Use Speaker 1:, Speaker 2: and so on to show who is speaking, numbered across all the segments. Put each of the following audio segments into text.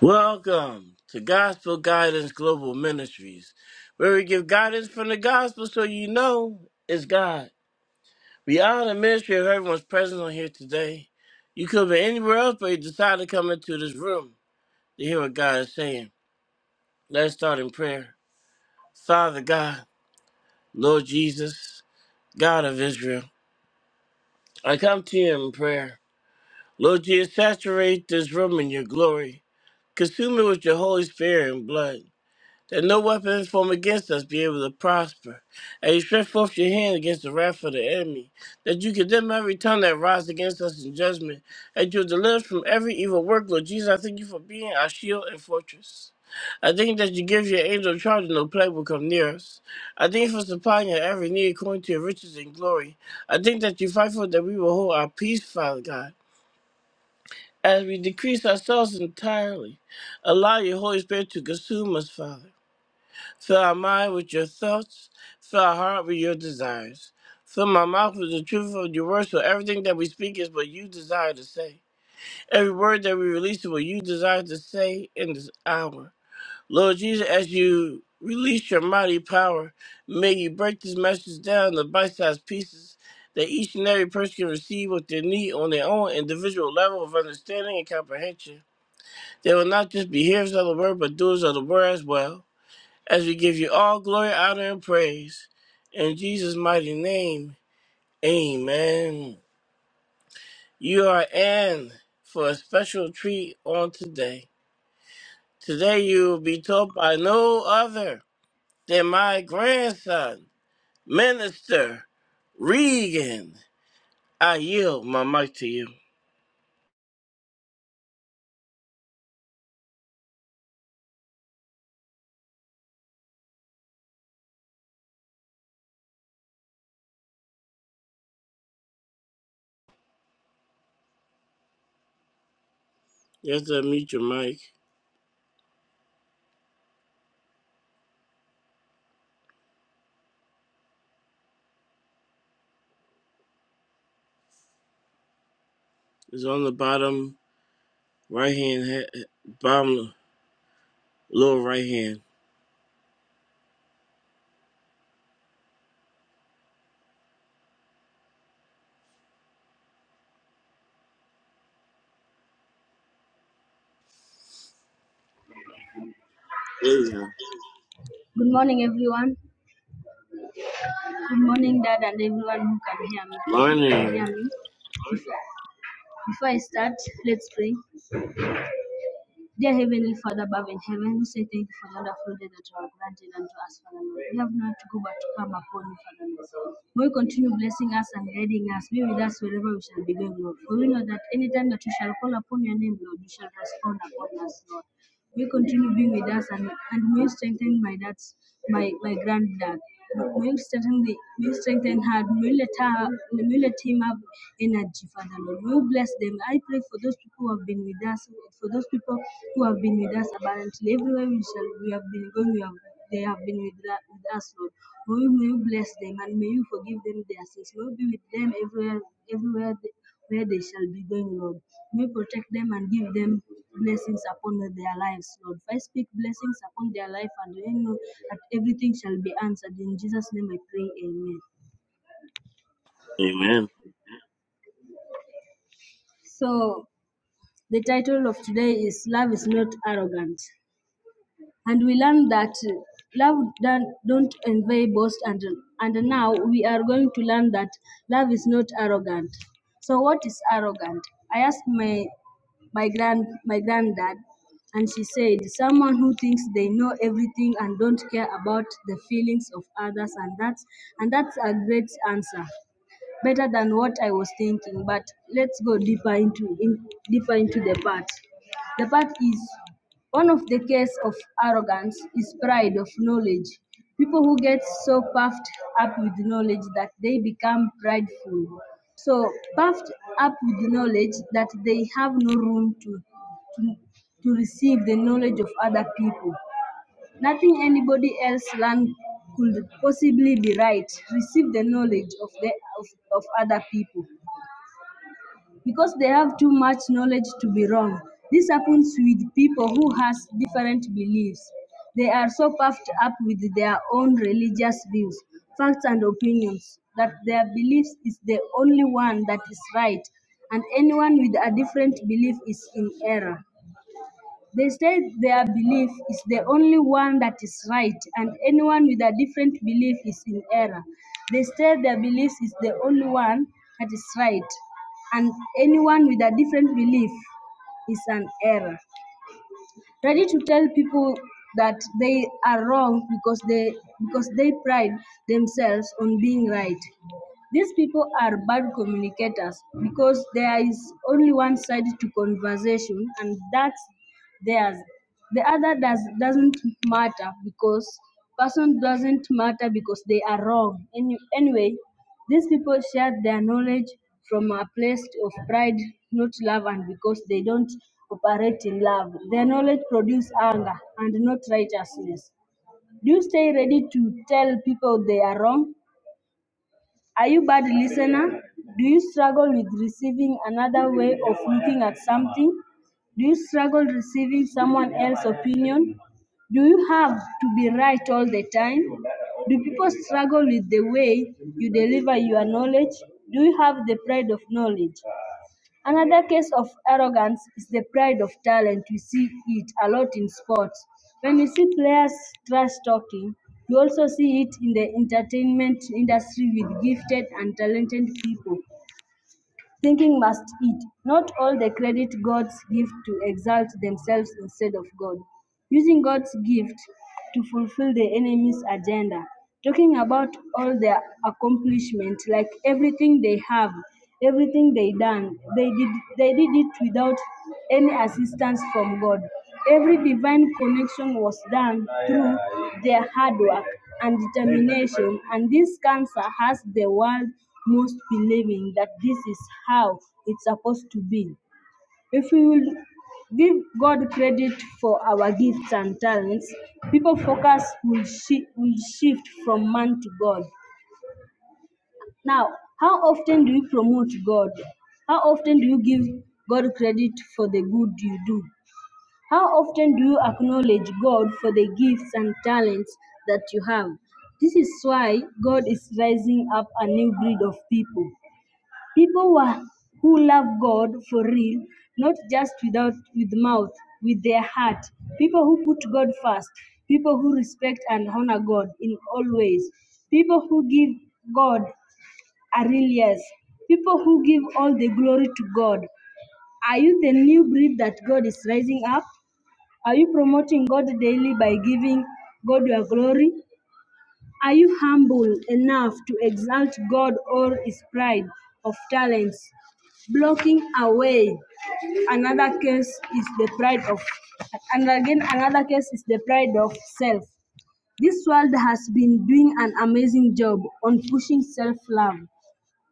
Speaker 1: Welcome to Gospel Guidance Global Ministries, where we give guidance from the gospel so you know it's God. We honor the ministry of everyone's presence on here today. You could be anywhere else, but you decided to come into this room to hear what God is saying. Let's start in prayer. Father God, Lord Jesus, God of Israel, I come to you in prayer. Lord Jesus, saturate this room in your glory. Consume it with your Holy Spirit and blood. that no weapon formed against us be able to prosper. And you stretch forth your hand against the wrath of the enemy, that you condemn every tongue that rises against us in judgment, and you deliver us from every evil work. Lord Jesus, I thank you for being our shield and fortress. I thank that you give your angel charge and no plague will come near us. I thank you for supplying our every need according to your riches and glory. I thank that you fight for us, that we will hold our peace, Father God. As we decrease ourselves entirely, allow your Holy Spirit to consume us, Father. Fill our mind with your thoughts. Fill our heart with your desires. Fill my mouth with the truth of your words, so everything that we speak is what you desire to say. Every word that we release is what you desire to say in this hour. Lord Jesus, as you release your mighty power, may you break this message down into bite-sized pieces that each and every person can receive what they need on their own individual level of understanding and comprehension. They will not just be hearers of the word, but doers of the word as well as we give you all glory, honor, and praise. In Jesus' mighty name, amen. You are in for a special treat on today. Today you will be taught by no other than my grandson, Minister Regan. I yield my mic to you. You have to mute your mic. It's on the bottom right hand, he- bottom lower right hand. Amen.
Speaker 2: Good morning, everyone. Good morning, Dad, and everyone who can hear me. Who can hear
Speaker 1: Morning.
Speaker 2: me? Before I start, let's pray. Dear Heavenly Father above in heaven, we say thank you for the wonderful day that you have granted unto us, Father Lord. We have not to go but to come upon you, Father Lord. May you continue blessing us and guiding us. Be with us wherever we shall be going, Lord. For we know that any time that we shall call upon your name, Lord, you shall respond upon us, Lord. May you continue being with us and, and may you strengthen my dad's my, my granddad. May you strengthen the may you strengthen her, may you let her may you let him have energy, Father Lord. May you bless them. I pray for those people who have been with us, for those people who have been with us abundantly. Everywhere we shall we have been going, we have they have been with, that, with us, Lord. May you, may you bless them and may you forgive them their sins. May you be with them everywhere everywhere they, where they shall be going, Lord. May you protect them and give them blessings upon their lives, Lord. If I speak blessings upon their life, and I know that everything shall be answered. In Jesus' name I pray, Amen.
Speaker 1: Amen.
Speaker 2: So, the title of today is Love is Not Arrogant. and we learn that love don't, don't envy, boast, and and now we are going to learn that love is not arrogant. So what is arrogant? I asked my my grand my granddad, and she said someone who thinks they know everything and don't care about the feelings of others, and that's and that's a great answer better than what I was thinking. But let's go deeper into in, deeper into the part. The part is one of the case of arrogance is pride of knowledge. People who get so puffed up with knowledge that they become prideful. So puffed up with knowledge that they have no room to to, to receive the knowledge of other people. Nothing anybody else learned could possibly be right Receive the knowledge of, the, of, of other people because they have too much knowledge to be wrong. This happens with people who has different beliefs. They are so puffed up with their own religious views, facts and opinions that their beliefs is the only one that is right and anyone with a different belief is in error. They say their belief is the only one that is right, and anyone with a different belief is in error. They say their belief is the only one that is right, and anyone with a different belief is an error. Ready to tell people that they are wrong because they because they pride themselves on being right. These people are bad communicators because there is only one side to conversation, and that's theirs. The other does doesn't matter because person doesn't matter because they are wrong. Any, anyway, these people share their knowledge from a place of pride, not love, and because they don't operate in love. Their knowledge produces anger and not righteousness. Do you stay ready to tell people they are wrong? Are you bad listener? Do you struggle with receiving another way of looking at something? Do you struggle receiving someone else's opinion? Do you have to be right all the time? Do people struggle with the way you deliver your knowledge? Do you have the pride of knowledge? Another case of arrogance is the pride of talent. We see it a lot in sports. When you see players trash talking, you also see it in the entertainment industry with gifted and talented people thinking must eat. Not all the credit gods give to exalt themselves instead of God. Using God's gift to fulfill the enemy's agenda. Talking about all their accomplishment, like everything they have, everything they done, they did they did it without any assistance from God. Every divine connection was done through their hard work and determination. And this cancer has the world most believing that this is how it's supposed to be. If we will give God credit for our gifts and talents, people focus will, shi will shift from man to God. Now, how often do you promote God? How often do you give God credit for the good you do? How often do you acknowledge God for the gifts and talents that you have? This is why God is raising up a new breed of people. People who, are- who love God for real, not just without with mouth, with their heart. People who put God first. People who respect and honor God in all ways. People who give God a real yes. People who give all the glory to God. Are you the new breed that God is raising up? Are you promoting God daily by giving God your glory? Are you humble enough to exalt God or His pride of talents blocking away? Another case is the pride of, and again, another case is the pride of self. This world has been doing an amazing job on pushing self love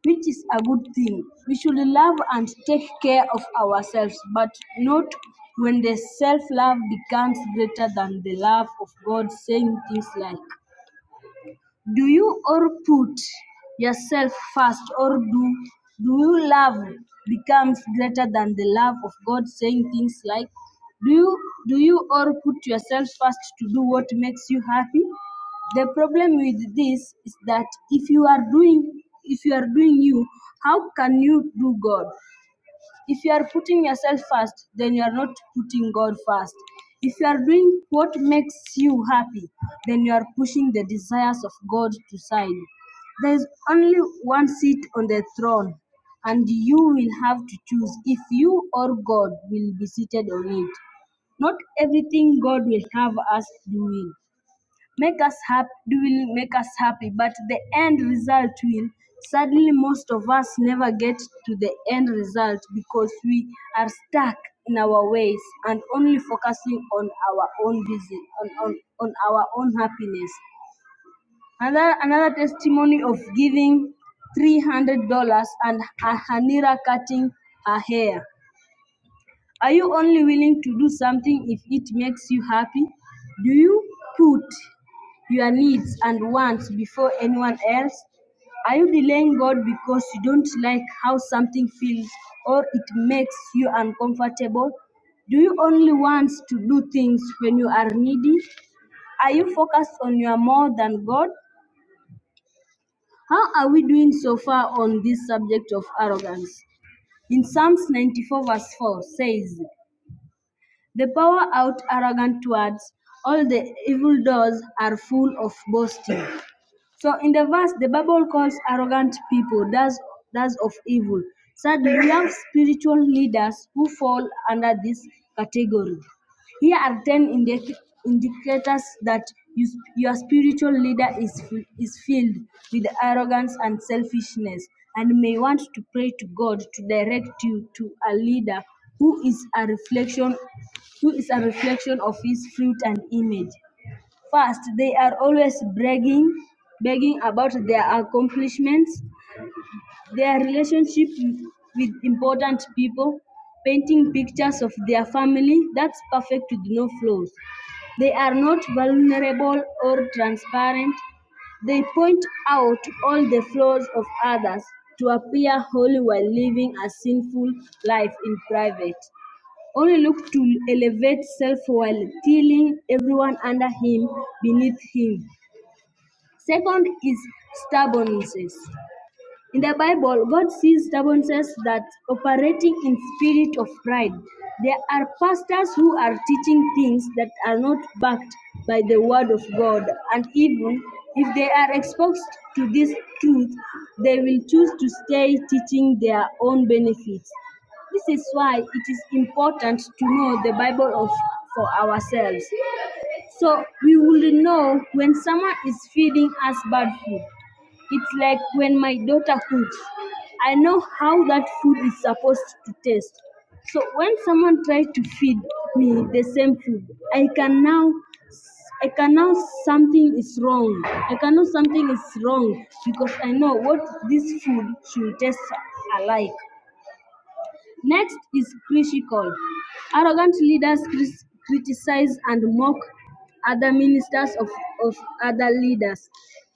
Speaker 2: which is a good thing. We should love and take care of ourselves, but not when the self love becomes greater than the love of God, saying things like, do you or put yourself first or do do you love becomes greater than the love of God saying things like do you do you or put yourself first to do what makes you happy? The problem with this is that if you are doing if you are doing you, how can you do God? If you are putting yourself first, then you are not putting God first. If you are doing what makes you happy, then you are pushing the desires of God to side. There is only one seat on the throne, and you will have to choose if you or God will be seated on it. Not everything God will have us doing make us happy will make us happy but the end result will sadly most of us never get to the end result because we are stuck in our ways and only focusing on our own busy on, on, on our own happiness another, another testimony of giving $300 and hanira cutting her hair are you only willing to do something if it makes you happy? Do you put your needs and wants before anyone else? Are you delaying God because you don't like how something feels or it makes you uncomfortable? Do you only want to do things when you are needy? Are you focused on your more than God? How are we doing so far on this subject of arrogance? In Psalms 94, verse 4 says, They pour out arrogant words; all the evil doors are full of boasting. So in the verse, the Bible calls arrogant people that's that's of evil. Sadly, we have spiritual leaders who fall under this category. Here are ten indic- indicators that you, sp- your spiritual leader is f- is filled with arrogance and selfishness, and may want to pray to God to direct you to a leader who is a reflection who is a reflection of His fruit and image. First, they are always bragging, bragging about their accomplishments, their relationship with important people, painting pictures of their family. That's perfect with no flaws. They are not vulnerable or transparent. They point out all the flaws of others to appear holy while living a sinful life in private only looked to elevate self while tearing everyone under him beneath him. Second is stubbornness. In the Bible, God sees stubbornness that operating in spirit of pride. There are pastors who are teaching things that are not backed by the word of God, and even if they are exposed to this truth, they will choose to stay teaching their own benefits. This is why it is important to know the Bible of for ourselves. So we will know when someone is feeding us bad food it's like when my daughter cooks, I know how that food is supposed to taste. So when someone tries to feed me the same food, I can now I can now something is wrong. I can know something is wrong because I know what this food should taste alike. Next is critical. Arrogant leaders cris- criticize and mock other ministers of, of other leaders.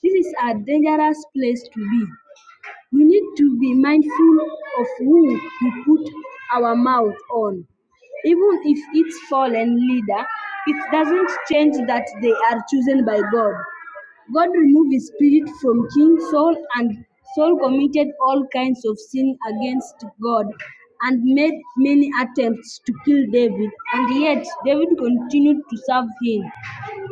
Speaker 2: This is a dangerous place to be we need to be mindful of who we put our mouth on. Even if it's fallen leader, it doesn't change that they are chosen by God. God removed his spirit from King Saul and Saul committed all kinds of sin against God and made many attempts to kill David and yet David continued to serve him.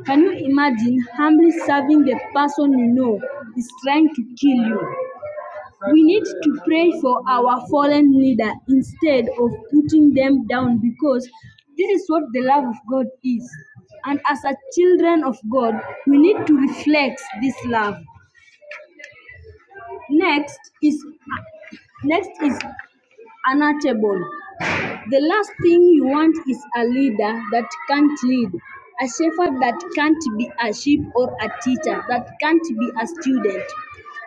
Speaker 2: Can you imagine humbly serving the person you know is trying to kill you? We need to pray for our fallen leader instead of putting them down because this is what the love of God is. And as a children of God, we need to reflect this love. Next is next is unattainable. The last thing you want is a leader that can't lead, a shepherd that can't be a sheep, or a teacher that can't be a student.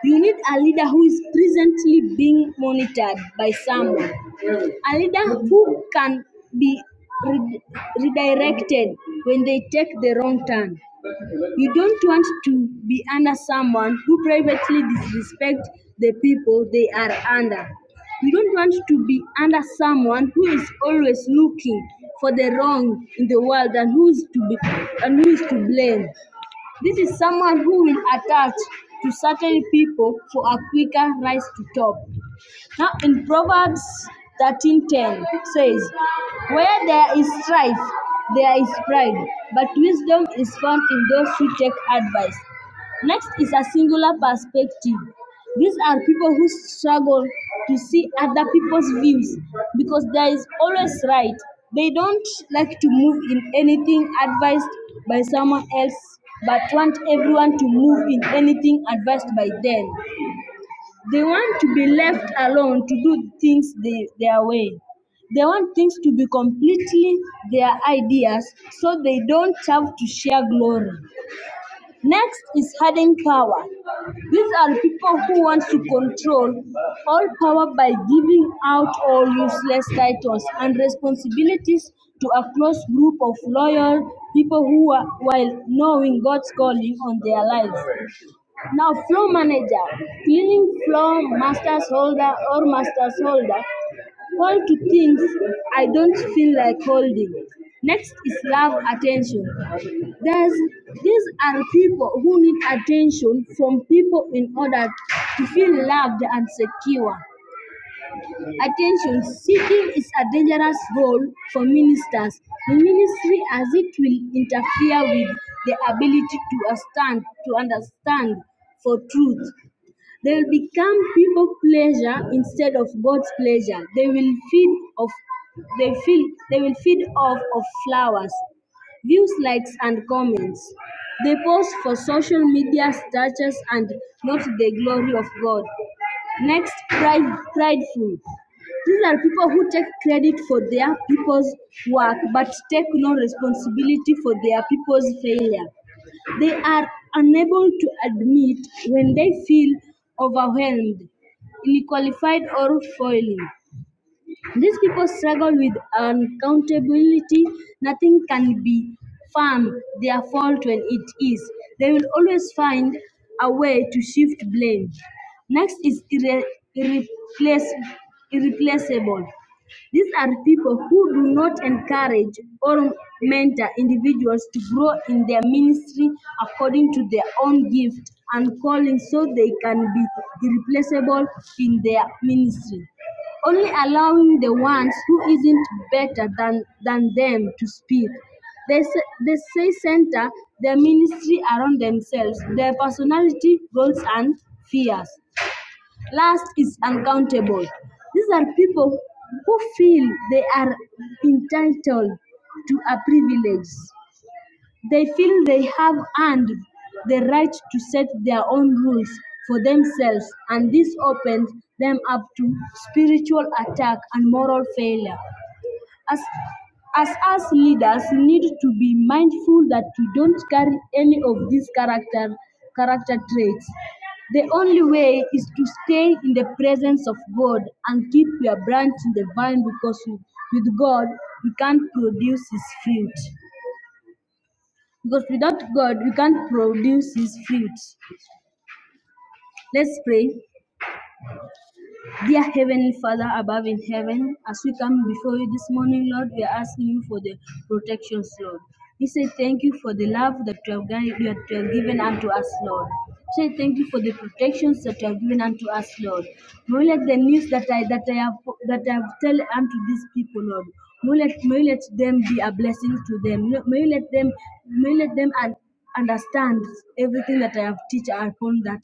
Speaker 2: You need a leader who is presently being monitored by someone, a leader who can be re- redirected when they take the wrong turn, you don't want to be under someone who privately disrespects the people they are under. You don't want to be under someone who is always looking for the wrong in the world and who is to be and who is to blame. This is someone who will attach to certain people for a quicker rise to top. Now in Proverbs 13:10 says, Where there is strife, there is pride, but wisdom is found in those who take advice. Next is a singular perspective. These are people who struggle to see other people's views because there is always right. They don't like to move in anything advised by someone else, but want everyone to move in anything advised by them. They want to be left alone to do things the, their way. They want things to be completely their ideas so they don't have to share glory. Next is hidden power. These are people who want to control all power by giving out all useless titles and responsibilities to a close group of loyal people who are while knowing God's calling on their lives. Now flow manager, cleaning flow masters holder or masters holder. Hold to things I don't feel like holding. Next is love attention. There's, these are people who need attention from people in order to feel loved and secure. Attention seeking is a dangerous goal for ministers. The ministry as it will interfere with the ability to understand to understand for truth. They will become people pleasure instead of God's pleasure. They will feed of they feel they will feed off of flowers, views, likes and comments. They post for social media status and not the glory of God. Next, pride, prideful. These are people who take credit for their people's work but take no responsibility for their people's failure. They are unable to admit when they feel overwhelmed, ill-qualified or failing. These people struggle with accountability. Nothing can be firm their fault when it is. They will always find a way to shift blame. Next is irre- irreplace- irreplaceable. These are people who do not encourage or mentor individuals to grow in their ministry according to their own gift and calling so they can be irreplaceable in their ministry only allowing the ones who isn't better than, than them to speak. They, say they say center their ministry around themselves, their personality, goals, and fears. Last is uncountable. These are people who feel they are entitled to a privilege. They feel they have earned the right to set their own rules for themselves, and this opens them up to spiritual attack and moral failure. As as us leaders need to be mindful that we don't carry any of these character character traits. The only way is to stay in the presence of God and keep your branch in the vine because with God we can't produce his fruit. Because without God, we can't produce His fruits. Let's pray. Dear Heavenly Father above in heaven, as we come before you this morning, Lord, we are asking you for the protections, Lord. We say thank you for the love that you have, gan- you have given unto us, Lord. We say thank you for the protections that you have given unto us, Lord. May let the news that I that I have that I have tell unto these people, Lord. May let, may let them be a blessing to them. May let them may let them and. understand everything that I have teach upon that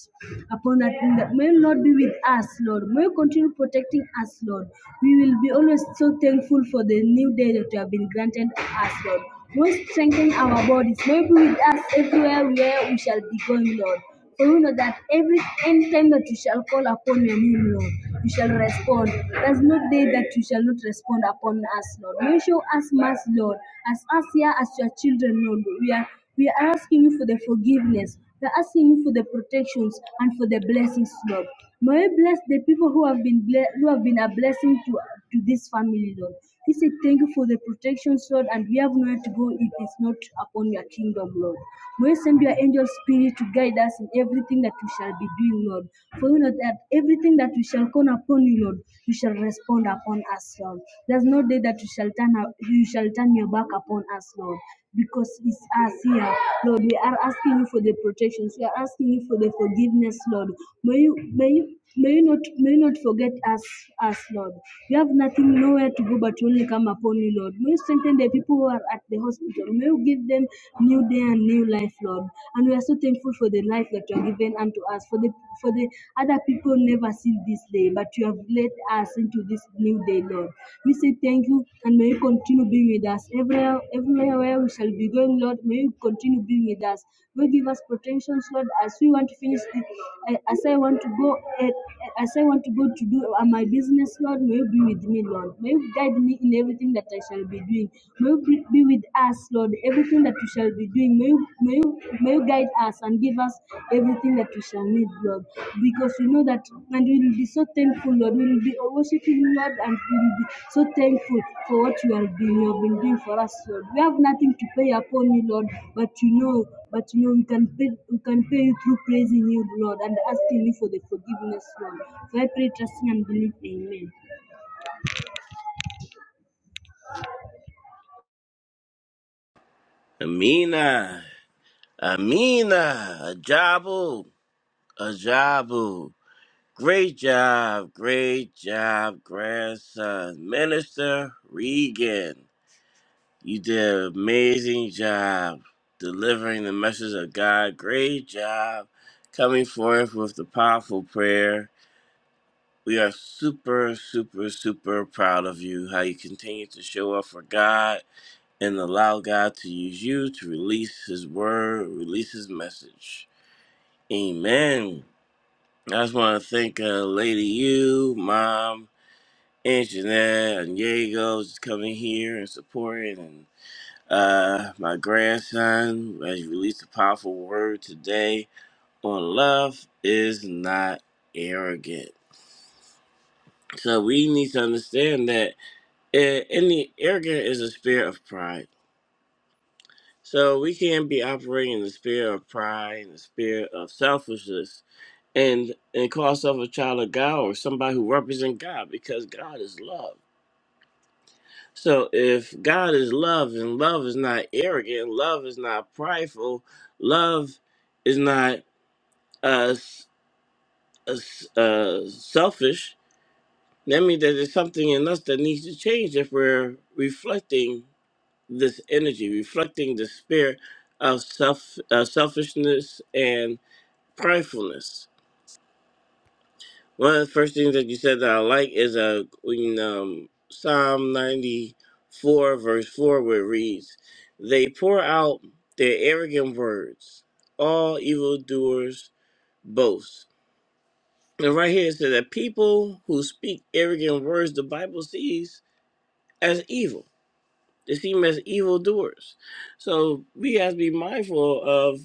Speaker 2: upon that thing that may not be with us, Lord. May you continue protecting us, Lord. We will be always so thankful for the new day that you have been granted us, Lord. May you strengthen our bodies. May you be with us everywhere where we shall be going, Lord. For we know that every any time that you shall call upon your name, Lord, you shall respond. There's no day that you shall not respond upon us, Lord. May you show us mercy, Lord, as us here as your children, Lord. We are we are asking you for the forgiveness. We are asking you for the protections and for the blessings, Lord. May you bless the people who have been ble- who have been a blessing to to this family, Lord. He said, Thank you for the protection, Lord, and we have nowhere to go if it's not upon your kingdom, Lord. May send your angel spirit to guide us in everything that we shall be doing, Lord. For you know that everything that we shall call upon you, Lord, you shall respond upon us, Lord. There's no day that you shall turn you shall turn your back upon us, Lord because it's us here. Lord, we are asking you for the protections. We are asking you for the forgiveness, Lord. May you may you may you not may you not forget us us, Lord. We have nothing nowhere to go but only come upon you, Lord. May you strengthen the people who are at the hospital. May you give them new day and new life, Lord. And we are so thankful for the life that you have given unto us, for the for the other people never seen this day but you have led us into this new day, Lord. We say thank you and may you continue being with us. Everywhere, everywhere where we shall be going, Lord, may you continue being with us. May you give us protections, Lord, as we want to finish the, eh, as I want to go eh, as I want to go to do uh, my business, Lord, may you be with me, Lord. May you guide me in everything that I shall be doing. May you be be with us, Lord, everything that we shall be doing may you, may you, may you guide us and give us everything that we shall need, Lord. Because we know that, and we will be so thankful, Lord. We will be worshiping you, Lord, and we will be so thankful for what you are doing, you have been doing for us, Lord. We have nothing to pay upon you, Lord, but you know, but you know, we can pay, we can pay you through praising you, Lord, and asking you for the forgiveness, Lord. So I pray, trusting and believing, Amen.
Speaker 1: Amina. Amina, Ajabu, Ajabu. Great job, great job, grandson. Minister Regan, you did an amazing job delivering the message of God. Great job coming forth with the powerful prayer. We are super, super, super proud of you, how you continue to show up for God and allow God to use you to release His word, release His message. Amen. I just want to thank uh, Lady You, Mom, Aunt Jeanette, and Diego just coming here and supporting, and uh, my grandson as you released a powerful word today on love is not arrogant. So we need to understand that uh, any arrogant is a spirit of pride. So we can't be operating in the spirit of pride, and the spirit of selfishness, and and call yourself a child of God or somebody who represents God because God is love. So if God is love and love is not arrogant, love is not prideful, love is not uh, s- uh, s- uh, selfish, that means that there's something in us that needs to change if we're reflecting this energy, reflecting the spirit of self uh, selfishness and pridefulness. One of the first things that you said that I like is uh, in um, Psalm 94, verse 4, where it reads, They pour out their arrogant words, all evildoers boast. And right here it says that people who speak arrogant words, the Bible sees as evil. They see them as evildoers. So we have to be mindful of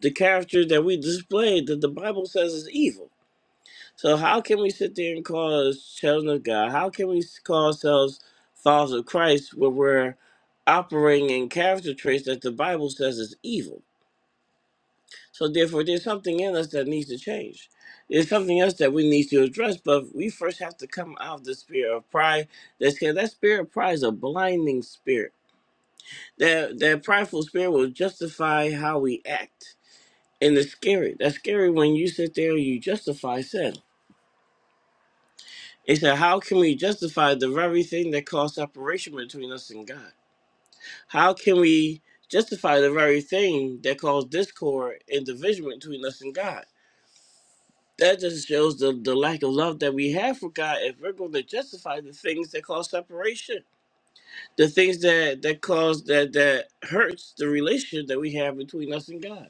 Speaker 1: the character that we display that the Bible says is evil so how can we sit there and call us children of God? How can we call ourselves followers of Christ when we're operating in character traits that the Bible says is evil? So therefore, there's something in us that needs to change. There's something else that we need to address, but we first have to come out of the spirit of pride. That's that spirit of pride is a blinding spirit. That that prideful spirit will justify how we act, and it's scary. That's scary when you sit there and you justify sin They said, How can we justify the very thing that caused separation between us and God? How can we justify the very thing that caused discord and division between us and God? That just shows the, the lack of love that we have for God if we're going to justify the things that cause separation, the things that, that cause that that hurts the relationship that we have between us and God.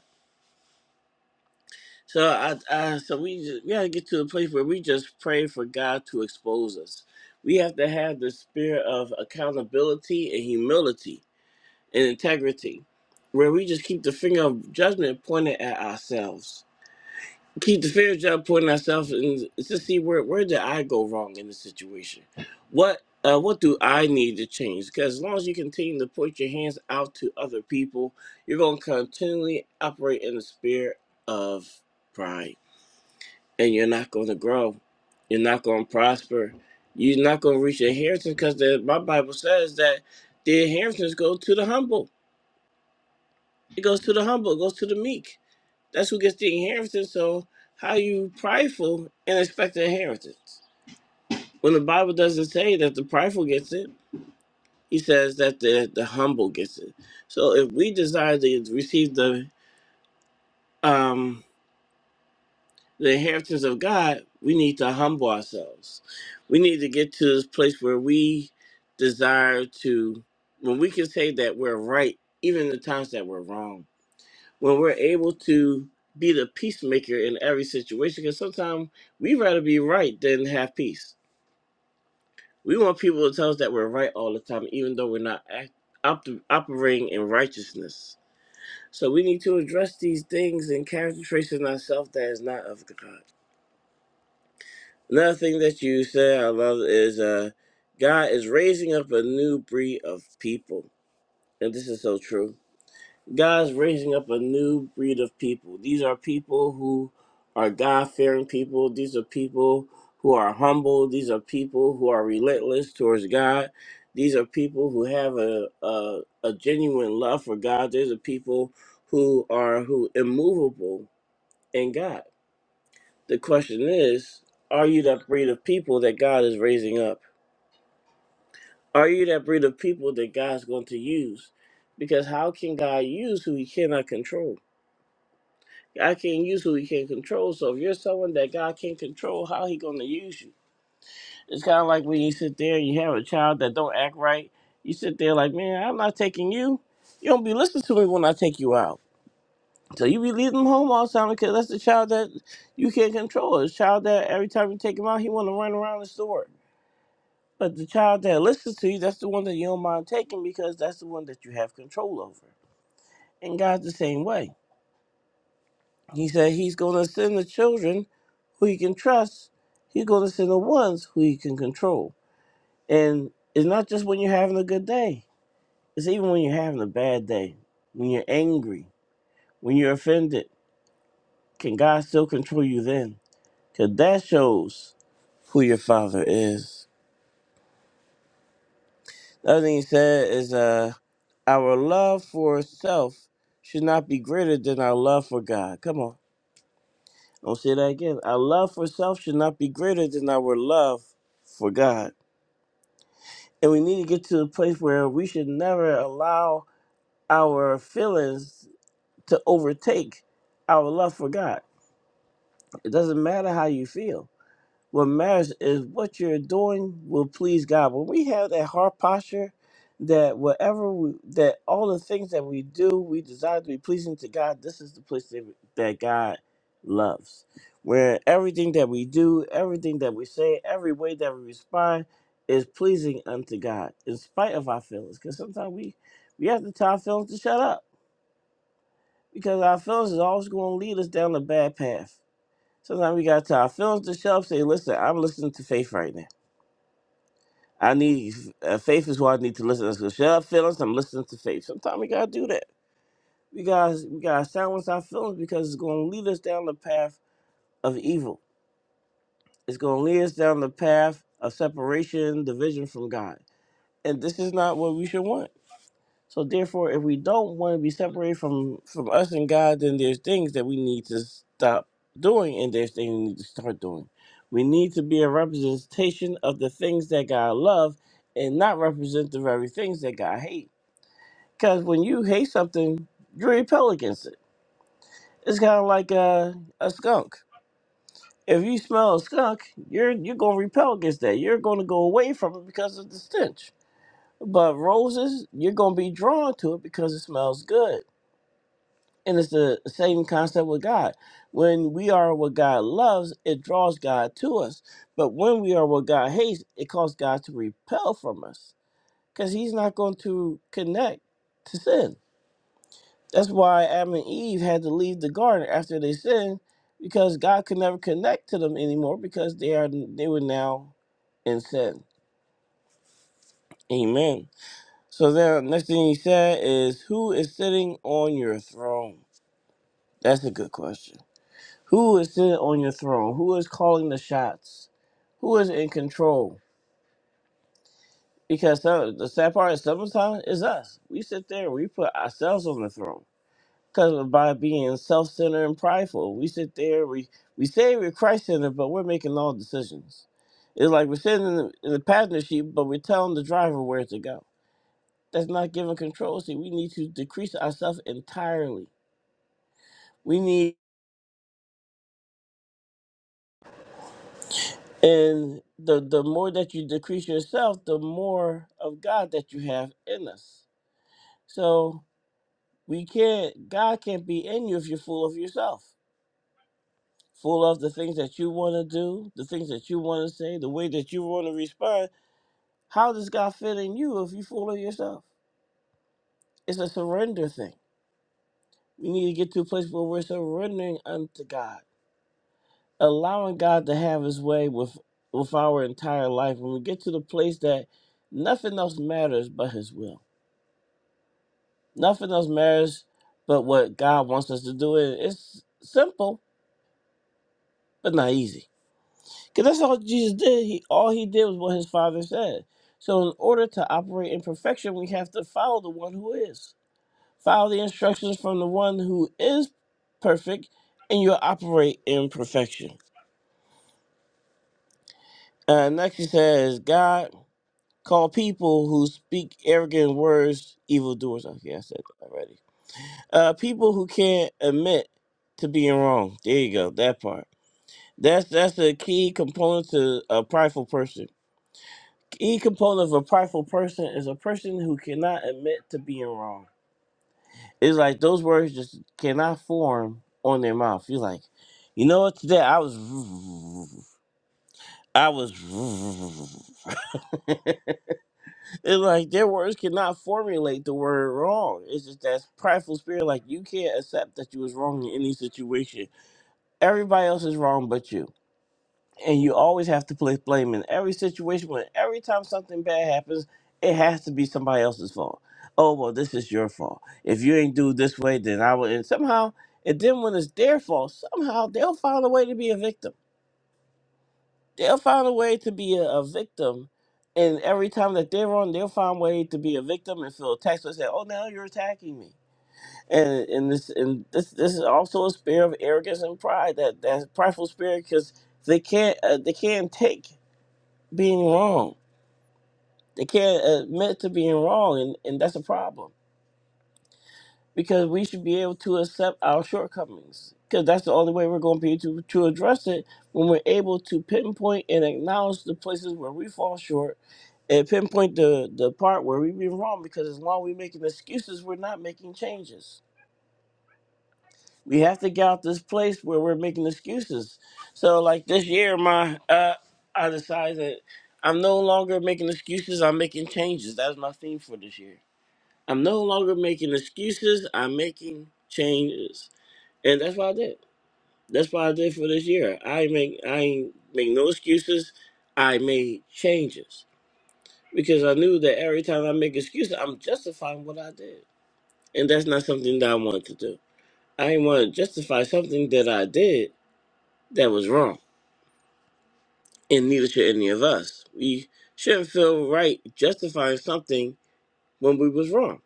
Speaker 1: So I, I so we just, we gotta get to the place where we just pray for God to expose us. We have to have the spirit of accountability and humility and integrity, where we just keep the finger of judgment pointed at ourselves. Keep the finger of judgment pointing at ourselves and to see where where did I go wrong in the situation? What uh, what do I need to change? Because as long as you continue to put your hands out to other people, you're gonna continually operate in the spirit of pride and you're not going to grow. You're not going to prosper. You're not going to reach your inheritance because my Bible says that the inheritance goes to the humble. It goes to the humble. It goes to the meek. That's who gets the inheritance. So how you prideful and expect the inheritance? When the Bible doesn't say that the prideful gets it, he says that the, the humble gets it. So if we desire to receive the um. the inheritance of God, we need to humble ourselves. We need to get to this place where we desire to, when we can say that we're right, even the times that we're wrong, when we're able to be the peacemaker in every situation, because sometimes we rather be right than have peace. We want people to tell us that we're right all the time, even though we're not act, op, operating in righteousness. So we need to address these things and character traits in ourselves that is not of God. Another thing that you said I love is uh, God is raising up a new breed of people. And this is so true. God is raising up a new breed of people. These are people who are God fearing people. These are people who are humble. These are people who are relentless towards God. These are people who have a, a, a genuine love for God. These are people who are who immovable in God. The question is, are you that breed of people that God is raising up? Are you that breed of people that God's going to use? Because how can God use who he cannot control? God can't use who he can't control. So if you're someone that God can't control, how he gonna use you? It's kind of like when you sit there and you have a child that don't act right. You sit there like, man, I'm not taking you. You don't be listening to me when I take you out. So you be leaving them home all the time because that's the child that you can't control. It's a child that every time you take him out, he want to run around the store But the child that listens to you, that's the one that you don't mind taking because that's the one that you have control over. And God's the same way. He said He's going to send the children who He can trust, He's going to send the ones who He can control. And it's not just when you're having a good day, it's even when you're having a bad day, when you're angry, when you're offended. Can God still control you then? Because that shows who your Father is. The other thing He said is, uh, Our love for self should not be greater than our love for God. Come on. I'll say that again. Our love for self should not be greater than our love for God. And we need to get to a place where we should never allow our feelings to overtake our love for God. It doesn't matter how you feel Well, marriage is what you're doing will please God. When we have that heart posture, that whatever we, that all the things that we do, we desire to be pleasing to God. This is the place that, that God loves, where everything that we do, everything that we say, every way that we respond is pleasing unto God, in spite of our feelings. Because sometimes we we have to tell our feelings to shut up, because our feelings is always going to lead us down a bad path. Sometimes we got to tell our feelings to shut up. Say, listen, I'm listening to faith right now. I need uh, faith is what I need to listen to. So shut up, feelings. I'm listening to faith. Sometimes we gotta do that. We gotta we gotta silence our feelings because it's gonna lead us down the path of evil. It's gonna lead us down the path of separation, division from God. And this is not what we should want. So therefore, if we don't want to be separated from from us and God, then there's things that we need to stop doing, and there's things we need to start doing. We need to be a representation of the things that God love, and not represent the very things that God hate. Because when you hate something, you repel against it. It's kind of like a a skunk. If you smell a skunk, you're you're gonna repel against that. You're gonna go away from it because of the stench. But roses, you're gonna be drawn to it because it smells good And it's the same concept with God. When we are what God loves, it draws God to us. But when we are what God hates, it causes God to repel from us because He's not going to connect to sin. That's why Adam and Eve had to leave the garden after they sinned because God could never connect to them anymore because they are they were now in sin. Amen. So then, next thing he said is, "Who is sitting on your throne?" That's a good question. Who is sitting on your throne? Who is calling the shots? Who is in control? Because some, the sad part is sometimes it's us. We sit there we put ourselves on the throne. Because by being self centered and prideful, we sit there, we, we say we're Christ centered, but we're making all decisions. It's like we're sitting in the, in the passenger seat, but we're telling the driver where to go. That's not giving control. See, we need to decrease ourselves entirely. We need And the, the more that you decrease yourself, the more of God that you have in us. So we can't, God can't be in you if you're full of yourself, full of the things that you want to do, the things that you want to say, the way that you want to respond. How does God fit in you if you're full of yourself? It's a surrender thing. We need to get to a place where we're surrendering unto God, allowing God to have His way with with our entire life. When we get to the place that nothing else matters but His will Nothing else matters but what God wants us to do. And it's simple, but not easy. Because that's all Jesus did. He all he did was what his father said. So in order to operate in perfection, we have to follow the one who is. Follow the instructions from the one who is perfect, and you'll operate in perfection. Uh, next he says, God call people who speak arrogant words evildoers. Okay, I said that already. Uh, people who can't admit to being wrong. There you go, that part That's that's a key component to a prideful person. Key component of a prideful person is a person who cannot admit to being wrong. It's like those words just cannot form on their mouth. You're like, you know what? Today I was, I was. it's like their words cannot formulate the word wrong. It's just that prideful spirit. Like you can't accept that you was wrong in any situation. Everybody else is wrong but you. and you always have to place blame in every situation. When every time something bad happens, it has to be somebody else's fault. Oh well, this is your fault. If you ain't do it this way, then I will. And somehow, and then when it's their fault, somehow they'll find a way to be a victim. They'll find a way to be a, a victim. And every time that they're wrong, they'll find a way to be a victim and feel attacked. So they say, "Oh, now you're attacking me." And and this and this this is also a spirit of arrogance and pride. That that prideful spirit because they can't uh, they can't take being wrong. They can't admit to being wrong, and, and that's a problem because we should be able to accept our shortcomings because that's the only way we're going to be able to, to address it when we're able to pinpoint and acknowledge the places where we fall short and pinpoint the, the part where we've been wrong because as long as we're making excuses, we're not making changes. we have to get out this place where we're making excuses. So like this year, my uh, I decided that I'm no longer making excuses. I'm making changes. That's my theme for this year. I'm no longer making excuses. I'm making changes, and that's what I did. That's what I did for this year. I make I ain't make no excuses. I made changes because I knew that every time I make excuses, I'm justifying what I did, and that's not something that I wanted to do. I didn't want to justify something that I did that was wrong, and neither should any of us. We shouldn't feel right justifying something when we was wrong.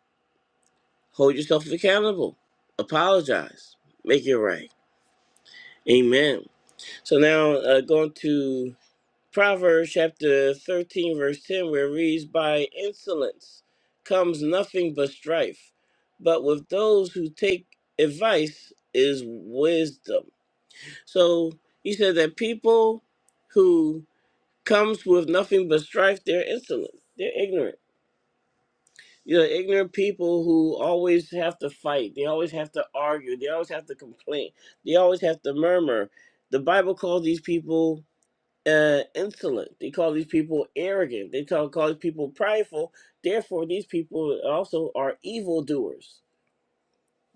Speaker 1: Hold yourself accountable. Apologize. Make it right. Amen. So now uh, going to Proverbs chapter 13, verse 10, where it reads, By insolence comes nothing but strife, but with those who take advice is wisdom. So he said that people who comes with nothing but strife. They're insolent. They're ignorant. You know, ignorant people who always have to fight. They always have to argue. They always have to complain. They always have to murmur. The Bible calls these people uh, insolent. They call these people arrogant. They call, call these people prideful. Therefore, these people also are evildoers.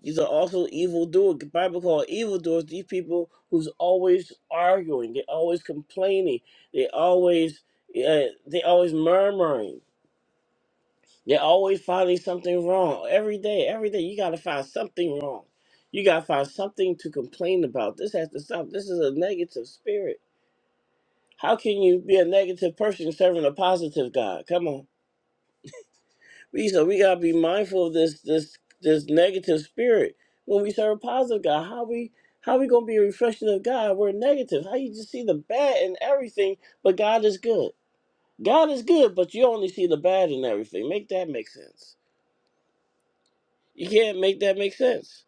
Speaker 1: These are also evildoers. The Bible called evildoers these people who's always arguing, they always complaining, they always uh, they always murmuring, they always finding something wrong. Every day, every day, you gotta find something wrong. You gotta find something to complain about. This has to stop. This is a negative spirit. How can you be a negative person serving a positive God? Come on. We so we gotta be mindful of this this this negative spirit when we serve a positive God. How we how we gonna be a reflection of God? We're negative. How you just see the bad in everything, but God is good. God is good, but you only see the bad in everything. Make that make sense. You can't make that make sense.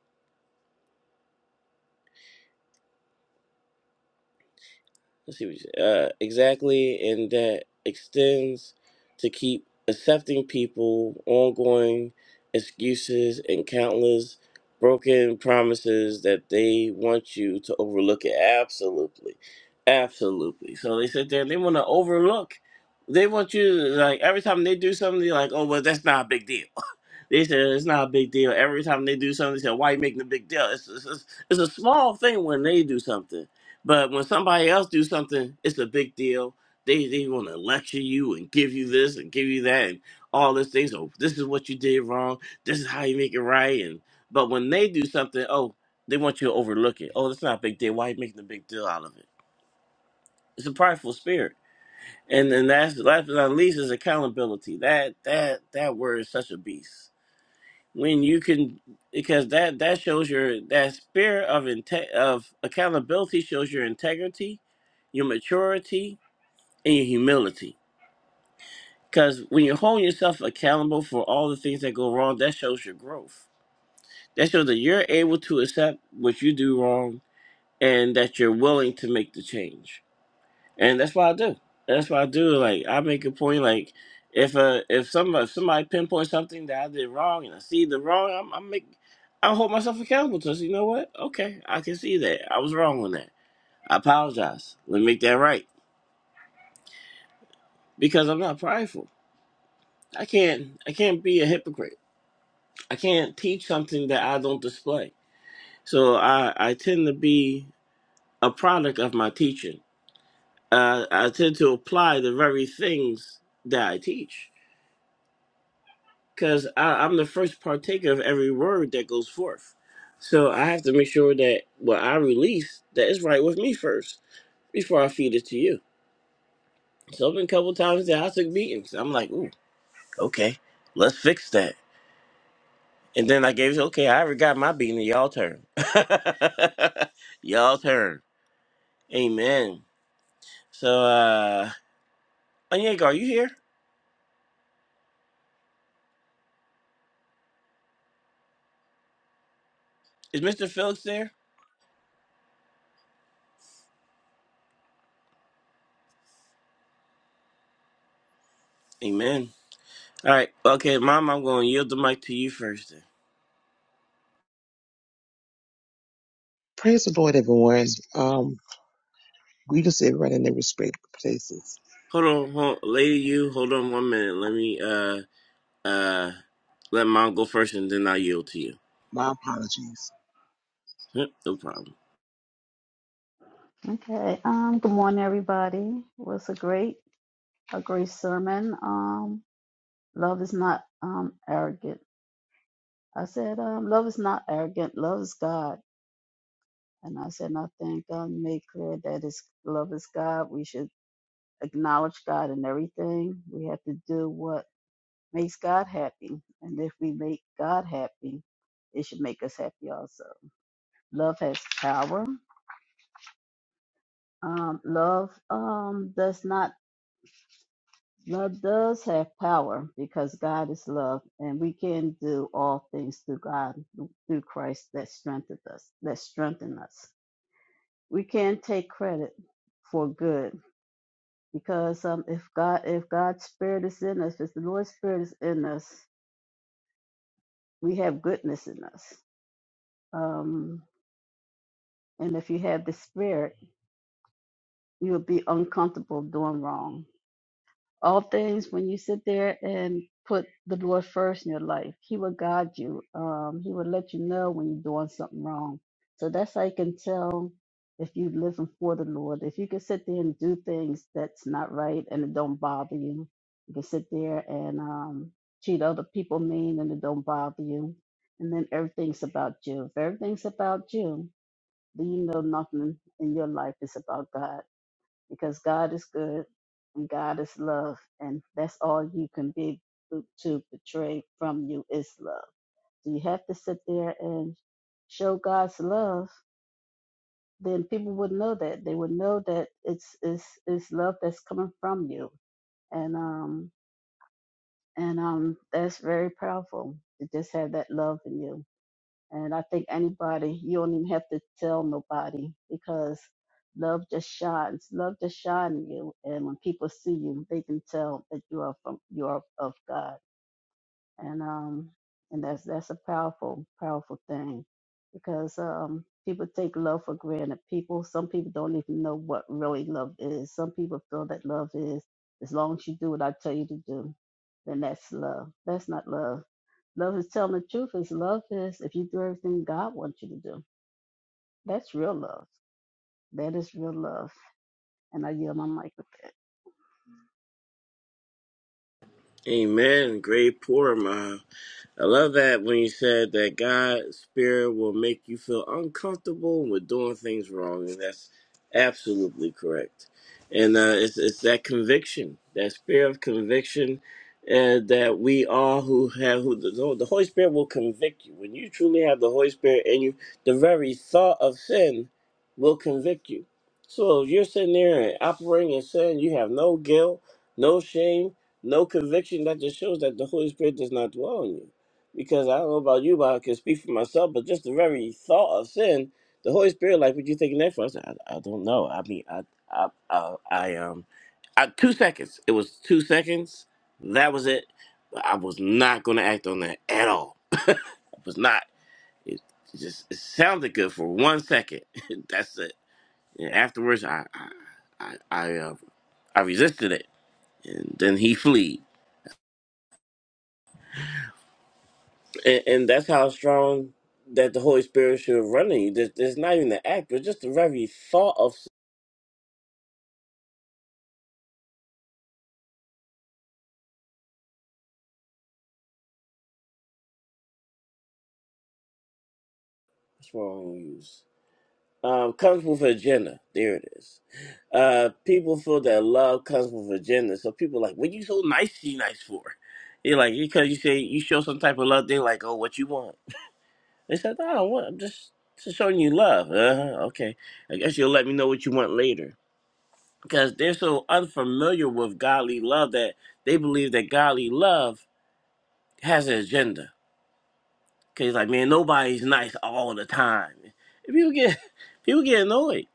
Speaker 1: let's see what you said. Uh, exactly, and that extends to keep accepting people, ongoing excuses, and countless broken promises that they want you to overlook it. Absolutely, absolutely. So they sit there and they want to overlook. They want you to, like every time they do something, they're like, "Oh well, that's not a big deal." They said it's not a big deal. Every time they do something, they said, "Why you making a big deal?" It's, it's, it's, it's a small thing when they do something, but when somebody else do something, it's a big deal. They they want to lecture you and give you this and give you that and all this things. So this is what you did wrong. This is how you make it right. And but when they do something, oh, they want you to overlook it. Oh, that's not a big deal. Why you making a big deal out of it? It's a prideful spirit. And and that's last but not least is accountability. That that that word is such a beast when you can because that that shows your that spirit of inte- of accountability shows your integrity your maturity and your humility because when you hold yourself accountable for all the things that go wrong that shows your growth that shows that you're able to accept what you do wrong and that you're willing to make the change and that's what I do. That's what I do. Like I make a point. Like if uh if somebody somebody pinpoints something that I did wrong and I see the wrong, I'm I make I hold myself accountable to. So, you know what? Okay, I can see that I was wrong on that. I apologize. Let me make that right because I'm not prideful. I can't I can't be a hypocrite. I can't teach something that I don't display. So I I tend to be a product of my teaching. Uh, I tend to apply the very things that I teach because I'm the first partaker of every word that goes forth. So I have to make sure that what I release that is right with me first before I feed it to you. So it's been a couple times that I took beatings. I'm like, ooh, okay, let's fix that. And then I gave it, okay, I already got my beating, y'all turn. y'all turn. Amen. So uh Onyeka, are you here? Is Mr. Phillips there? Amen. All right. Okay, Mom, I'm going to yield the mic to you first.
Speaker 3: Praise the Lord, everyone. Um, greetings to everyone in their respective places.
Speaker 1: Hold on, hold, lady, you hold on one minute. Let me uh uh let mom go first, and then I yield to you.
Speaker 3: My apologies.
Speaker 1: Yep, No problem.
Speaker 4: Okay. Um, good morning, everybody. It was a great, a great sermon. Um, love is not um arrogant. I said, um, love is not arrogant. Love is God. And I said, and I think God made clear that it's love is God. We should acknowledge God in everything. We have to do what makes God happy. And if we make God happy, it should make us happy also. Love has power. Um, love um, does not Love does have power because God is love, and we can do all things through God, through Christ that strengthened us, that strengthen us. We can take credit for good because um, if God, if God's Spirit is in us, if the Lord's Spirit is in us, we have goodness in us. Um, and if you have the Spirit, you'll be uncomfortable doing wrong all things when you sit there and put the lord first in your life he will guide you um, he will let you know when you're doing something wrong so that's how you can tell if you're living for the lord if you can sit there and do things that's not right and it don't bother you you can sit there and um, treat other people mean and it don't bother you and then everything's about you if everything's about you then you know nothing in your life is about god because God is good and God is love, and that's all you can be to portray from you is love. So you have to sit there and show God's love. Then people would know that they would know that it's it's it's love that's coming from you, and um and um that's very powerful to just have that love in you. And I think anybody, you don't even have to tell nobody because love just shines. Love just shines in you. And when people see you, they can tell that you are from you are of God and um and that's that's a powerful powerful thing because um people take love for granted people some people don't even know what really love is some people feel that love is as long as you do what i tell you to do then that's love that's not love love is telling the truth is love is if you do everything god wants you to do that's real love that is real love and i yield my mic
Speaker 1: Amen. Great pour, ma. I love that when you said that God's spirit will make you feel uncomfortable with doing things wrong, and that's absolutely correct. And uh, it's it's that conviction, that spirit of conviction, uh, that we all who have who the, the Holy Spirit will convict you. When you truly have the Holy Spirit in you, the very thought of sin will convict you. So if you're sitting there and operating in sin, you have no guilt, no shame, no conviction. That just shows that the Holy Spirit does not dwell in you because I don't know about you, but I can speak for myself. But just the very thought of sin, the Holy Spirit, like, what you thinking that for? I said, I, I don't know. I mean, I, I, I, I um, I, two seconds. It was two seconds. That was it. But I was not going to act on that at all. I was not. It, it just it sounded good for one second. That's it. And afterwards, I, I, I, I, uh, I resisted it, and then he fled. And, and that's how strong that the Holy Spirit should have run in you. There's, there's not even the act, but just the very thought of what's wrong with you. Um, comes with an agenda. There it is. Uh, people feel that love comes with agenda. So people like, what you so nice to you nice for? You're like, because you say you show some type of love, they're like, oh, what you want? They said, no, I don't want. I'm just, just showing you love. Uh-huh, okay. I guess you'll let me know what you want later. Because they're so unfamiliar with godly love that they believe that godly love has an agenda. Cause he's like, man, nobody's nice all the time. And people get people get annoyed.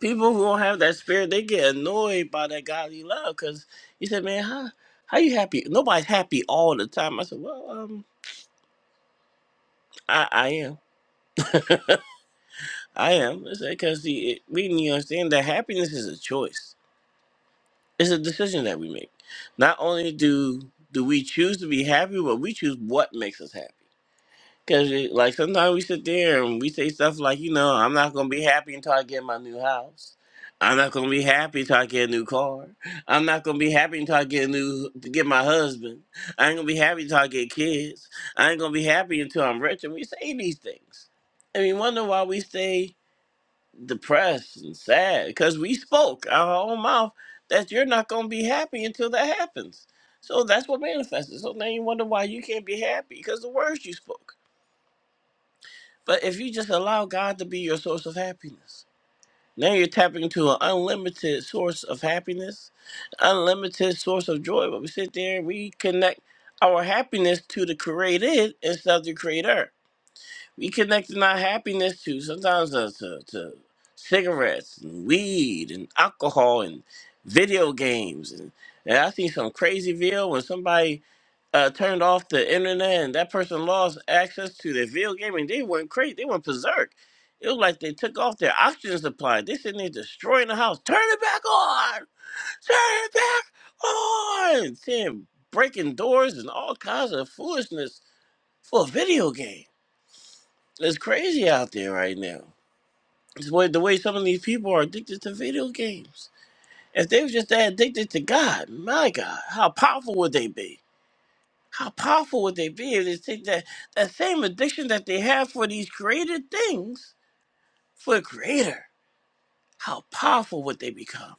Speaker 1: People who don't have that spirit, they get annoyed by that godly love. Cause he said, man, how how you happy? Nobody's happy all the time. I said, well, um, I, I am, I am. I said, cause see, it, we need to understand that happiness is a choice. It's a decision that we make. Not only do do we choose to be happy, but we choose what makes us happy. Cause it- like sometimes we sit there and we say stuff like, you know, I'm not gonna be happy until I get my new house. I'm not gonna be happy until I get a new car. I'm not gonna be happy until I get a new to get my husband. I ain't gonna be happy until I get kids. I ain't gonna be happy until I'm rich. And we say these things, and we wonder why we stay depressed and sad because we spoke out of our own mouth that you're not gonna be happy until that happens. So that's what manifested. So now you wonder why you can't be happy because the words you spoke. But if you just allow God to be your source of happiness, now you're tapping into an unlimited source of happiness, unlimited source of joy. But we sit there and we connect our happiness to the created instead of the creator. We connecting our happiness to sometimes uh, to, to cigarettes and weed and alcohol and video games. And, and I seen some crazy video when somebody uh, turned off the internet and that person lost access to their video game and they went crazy. They went berserk. It was like they took off their oxygen supply. They sitting there destroying the house. Turn it back on! Turn it back on! Tim breaking doors and all kinds of foolishness for a video game. It's crazy out there right now. It's what, the way some of these people are addicted to video games. If they were just that addicted to God, my God, how powerful would they be? How powerful would they be if they take that, that same addiction that they have for these created things for a creator? How powerful would they become?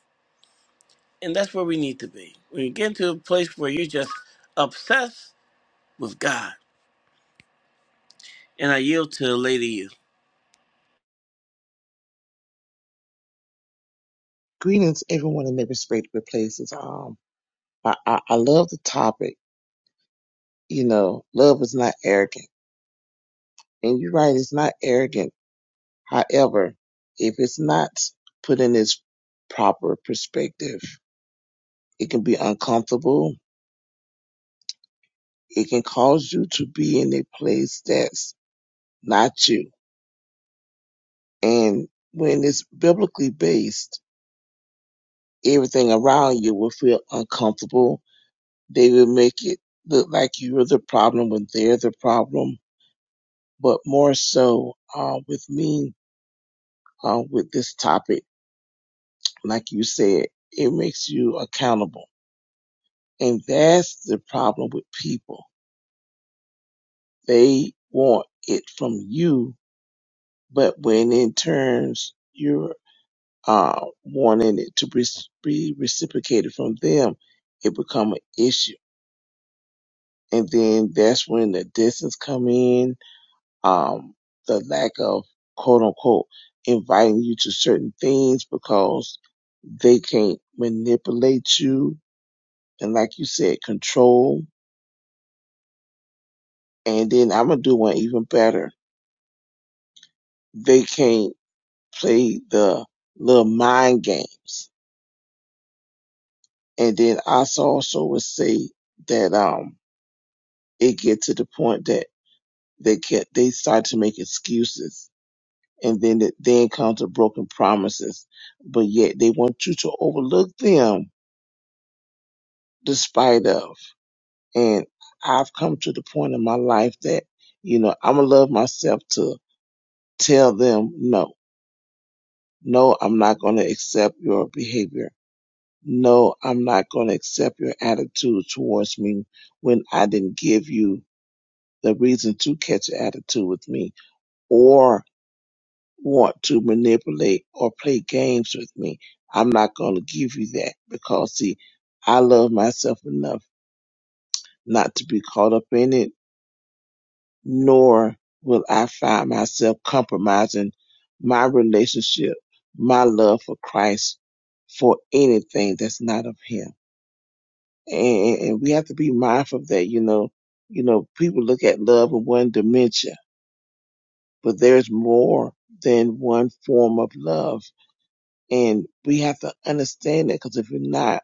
Speaker 1: And that's where we need to be. When you get to a place where you're just obsessed with God. And I yield to the lady you.
Speaker 3: Greetings, everyone in their respective places. Um, I, I, I love the topic. You know, love is not arrogant. And you're right, it's not arrogant. However, if it's not put in its proper perspective, it can be uncomfortable. It can cause you to be in a place that's not you. And when it's biblically based, everything around you will feel uncomfortable. They will make it look like you're the problem when they're the problem. But more so, uh, with me, uh, with this topic, like you said, it makes you accountable. And that's the problem with people. They want it from you, but when in turns you're, uh, wanting it to be be reciprocated from them, it become an issue. And then that's when the distance come in um, the lack of quote unquote inviting you to certain things because they can't manipulate you and like you said control and then i'm gonna do one even better they can't play the little mind games and then I also would say that um it get to the point that they can they start to make excuses and then it then comes to broken promises but yet they want you to overlook them despite of. And I've come to the point in my life that, you know, I'm gonna love myself to tell them no. No, I'm not gonna accept your behavior. No, I'm not gonna accept your attitude towards me when I didn't give you the reason to catch an attitude with me or want to manipulate or play games with me. I'm not gonna give you that because see, I love myself enough not to be caught up in it nor will I find myself compromising my relationship, my love for Christ for anything that's not of Him. And, and we have to be mindful of that. You know, you know, people look at love in one dimension, but there's more than one form of love. And we have to understand that because if we're not,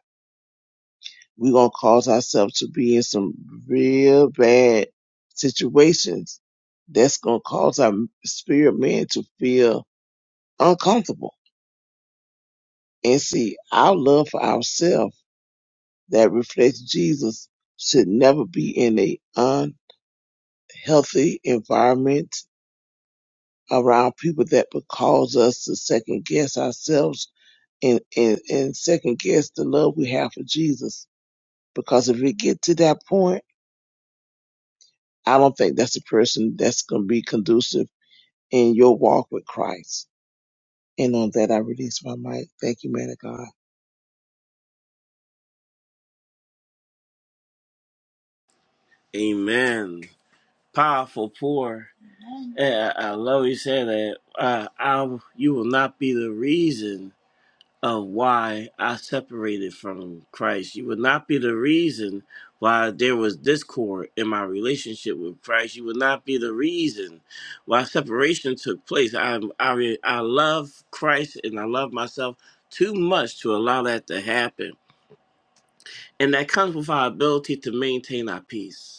Speaker 3: we're going to cause ourselves to be in some real bad situations that's going to cause our spirit man to feel uncomfortable. And see, our love for ourselves that reflects Jesus should never be in a unhealthy environment around people that would cause us to second guess ourselves and, and, and second guess the love we have for Jesus. Because if we get to that point, I don't think that's the person that's going to be conducive in your walk with Christ. And on that, I release my mic. Thank you, man of God.
Speaker 1: Amen. Powerful poor. I, I love you saying that. Uh, I, you will not be the reason of why I separated from Christ. You would not be the reason why there was discord in my relationship with Christ. You would not be the reason why separation took place. I I re- I love Christ and I love myself too much to allow that to happen. And that comes with our ability to maintain our peace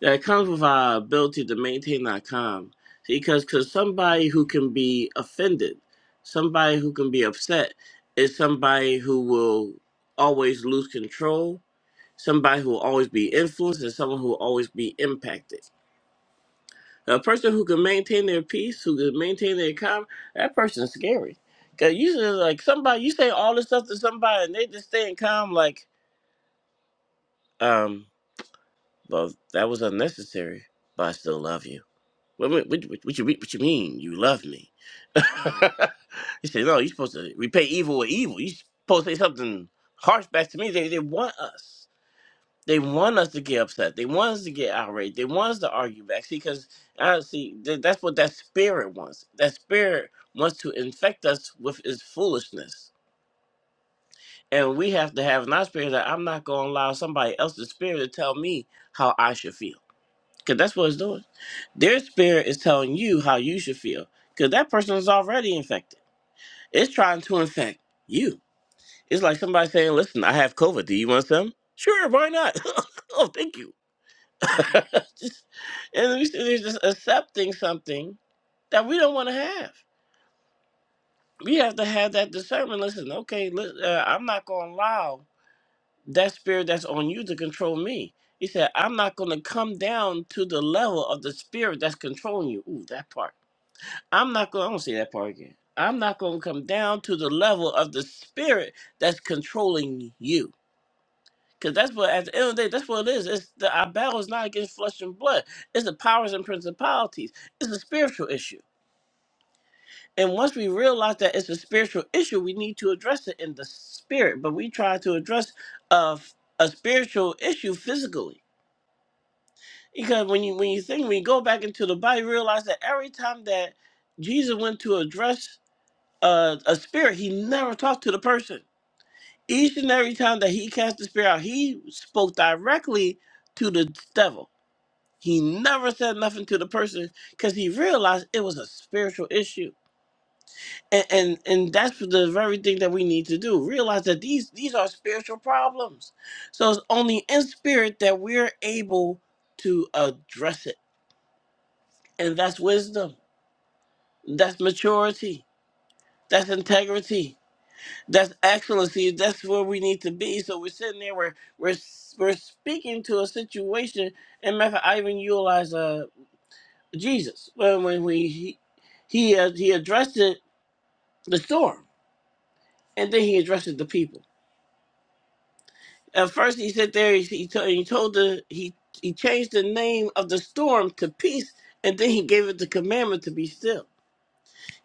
Speaker 1: that comes with our ability to maintain our calm. Because cause somebody who can be offended, somebody who can be upset, is somebody who will always lose control, somebody who will always be influenced, and someone who will always be impacted. A person who can maintain their peace, who can maintain their calm, that person's scary. Cause usually, like somebody, you say all this stuff to somebody, and they just staying calm, like, um, well, that was unnecessary, but I still love you What, what, what, what, you, what you mean you love me? He said, No, you're supposed to repay evil with evil. You're supposed to say something harsh back to me. They, they want us. They want us to get upset. They want us to get outraged. They want us to argue back. See, because honestly, th- that's what that spirit wants. That spirit wants to infect us with its foolishness. And we have to have in our spirit that I'm not going to allow somebody else's spirit to tell me how I should feel. Because that's what it's doing. Their spirit is telling you how you should feel. Because that person is already infected. It's trying to infect you. It's like somebody saying, listen, I have COVID. Do you want some? Sure, why not? oh, thank you. Just- and we are just accepting something that we don't want to have. We have to have that discernment. Listen, okay, li- uh, I'm not going to allow that spirit that's on you to control me. He said, I'm not going to come down to the level of the spirit that's controlling you. Ooh, that part. I'm not going to say that part again. I'm not going to come down to the level of the spirit that's controlling you. Because that's what, at the end of the day, that's what it is. It's the, our battle is not against flesh and blood. It's the powers and principalities. It's a spiritual issue. And once we realize that it's a spiritual issue, we need to address it in the spirit. But we try to address a, a spiritual issue physically. Because when you when you think when you go back into the body, realize that every time that Jesus went to address a, a spirit, he never talked to the person. Each and every time that he cast the spirit out, he spoke directly to the devil. He never said nothing to the person because he realized it was a spiritual issue. And, and and that's the very thing that we need to do. Realize that these these are spiritual problems. So it's only in spirit that we're able to address it. And that's wisdom. That's maturity. That's integrity That's excellency. that's where we need to be. So we're sitting there, we're we're we're speaking to a situation, and matter of fact, I even utilize uh Jesus when when we he he, uh, he addressed it, the storm, and then he addressed it, the people. At first, he said there he he told, he told the he he changed the name of the storm to peace, and then he gave it the commandment to be still.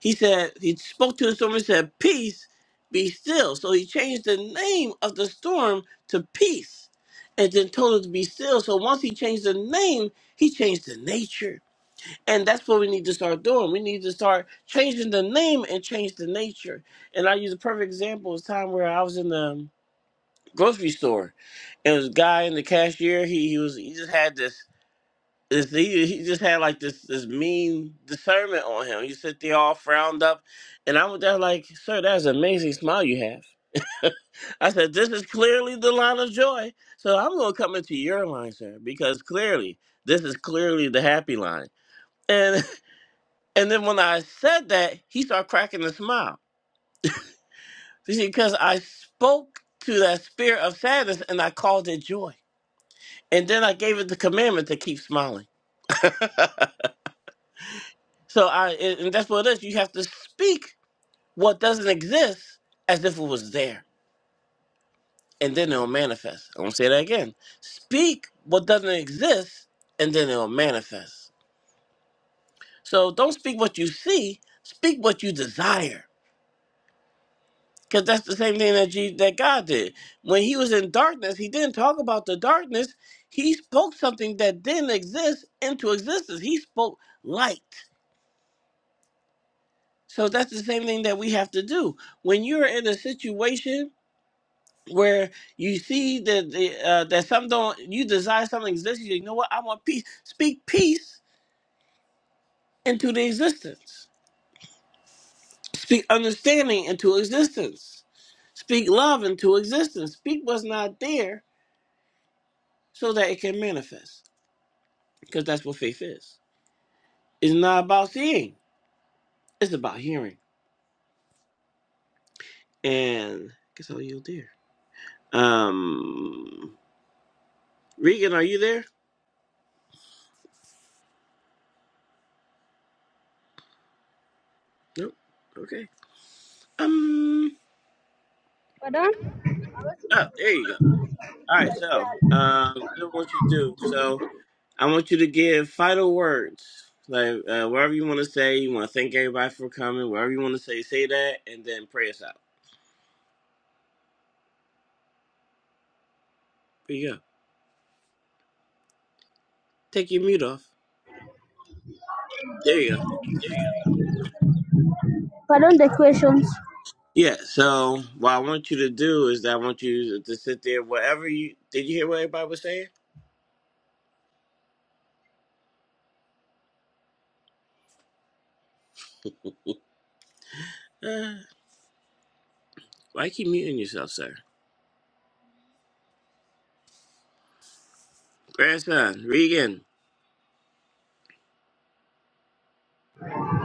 Speaker 1: He said, he spoke to the storm and said, Peace, be still. So he changed the name of the storm to Peace and then told it to be still. So once he changed the name, he changed the nature. And that's what we need to start doing. We need to start changing the name and change the nature. And I use a perfect example of time where I was in the grocery store. And it was a guy in the cashier. He, he was he just had this it's- he, he just had like this this mean discernment on him. You sit there all frowned up, and I was there like, "Sir, that's an amazing smile you have." I said, "This is clearly the line of joy." So I'm gonna come into your line, sir, because clearly this is clearly the happy line. And and then when I said that, he started cracking a smile. You see, because I spoke to that spirit of sadness and I called it joy, and then I gave it the commandment to keep smiling. So I and and that's what it is. You have to speak what doesn't exist as if it was there, and then it'll manifest. I'm gonna say that again. Speak what doesn't exist, and then it'll manifest. So don't speak what you see, speak what you desire. Because that's the same thing that, Je- that God did. When he was in darkness, he didn't talk about the darkness. He spoke something that didn't exist into existence. He spoke light. So that's the same thing that we have to do. When you're in a situation where you see that the, uh, that some don't you desire something exists you say, you know what i want peace speak peace into the existence speak understanding into existence speak love into existence speak what's not there so that it can manifest because that's what faith is it's not about seeing it's about hearing and i guess i'll yield there um regan are you there nope okay um
Speaker 2: Pardon?
Speaker 1: oh there you go All right, so um, do what you do. So I want you to give final words, like uh, wherever you want to say. You want to thank everybody for coming. Whatever you want to say, say that, and then pray us out. There you go. Take your mute off. There you go.
Speaker 2: Pardon the questions.
Speaker 1: Yeah. So what I want you to do is that I want you to sit there. Whatever you did, you hear what everybody was saying? Uh, why keep muting yourself, sir? Pray us on. Read again.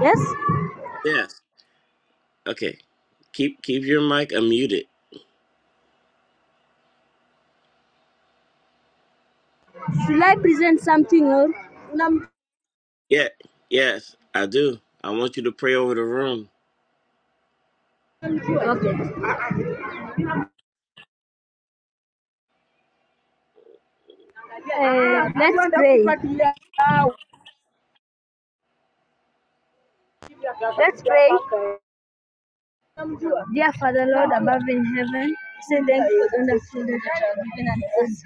Speaker 2: Yes?
Speaker 1: Yes. Okay. Keep keep your mic unmuted.
Speaker 2: Should I present something or?
Speaker 1: Yeah. Yes, I do. I want you to pray over the room.
Speaker 2: Okay. Uh, let's pray. Let's pray. Dear Father, Lord above in heaven, say thank you for the wonderful day that you have given us.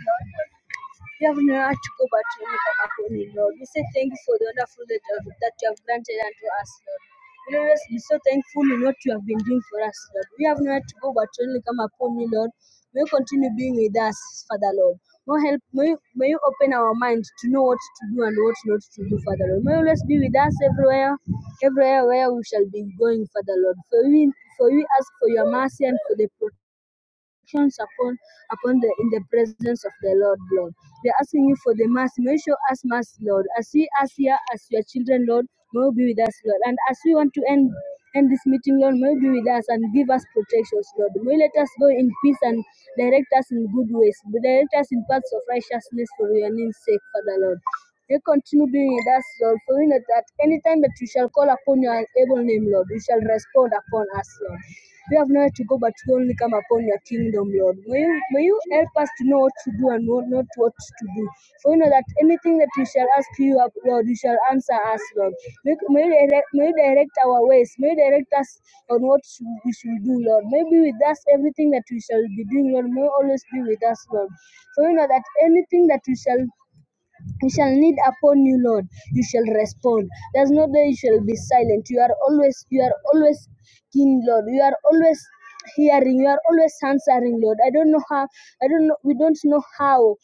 Speaker 2: We have no right to go back to any form of warning, Lord. We say thank you for the wonderful that you have, that you have granted unto us, Lord. We are just be so thankful in what you have been doing for us, Lord. We have no right to go but to only come upon you, Lord. May you continue being with us, Father Lord. May you help may you, may you open our minds to know what to do and what not to do, Father Lord. May you always be with us everywhere, everywhere where we shall be going, Father Lord. For we for we ask for your mercy and for the protection actions upon upon the in the presence of the Lord, Lord. We're asking you for the mercy. May you show us mercy, Lord. As we as here as your children, Lord, may you be with us, Lord. And as we want to end end this meeting, Lord, may you be with us and give us protections, Lord. May you let us go in peace and direct us in good ways. Direct us in paths of righteousness for your name's sake, Father Lord. May you continue being with us, Lord, for we know that any time that we shall call upon your able name, Lord, you shall respond upon us, Lord. We have nowhere to go but to only come upon your kingdom, Lord. May you, may you help us to know what to do and what, not what to do. For you know that anything that we shall ask you, Lord, you shall answer us, Lord. May, may, you direct, may you direct our ways. May you direct us on what we should do, Lord. May be with us, everything that we shall be doing, Lord, may you always be with us, Lord. For you know that anything that we shall he shall need upon you, Lord. You shall respond. There's no day you shall be silent. You are always, you are always King, Lord. You are always hearing. You are always answering, Lord. I don't know how. I don't know. We don't know how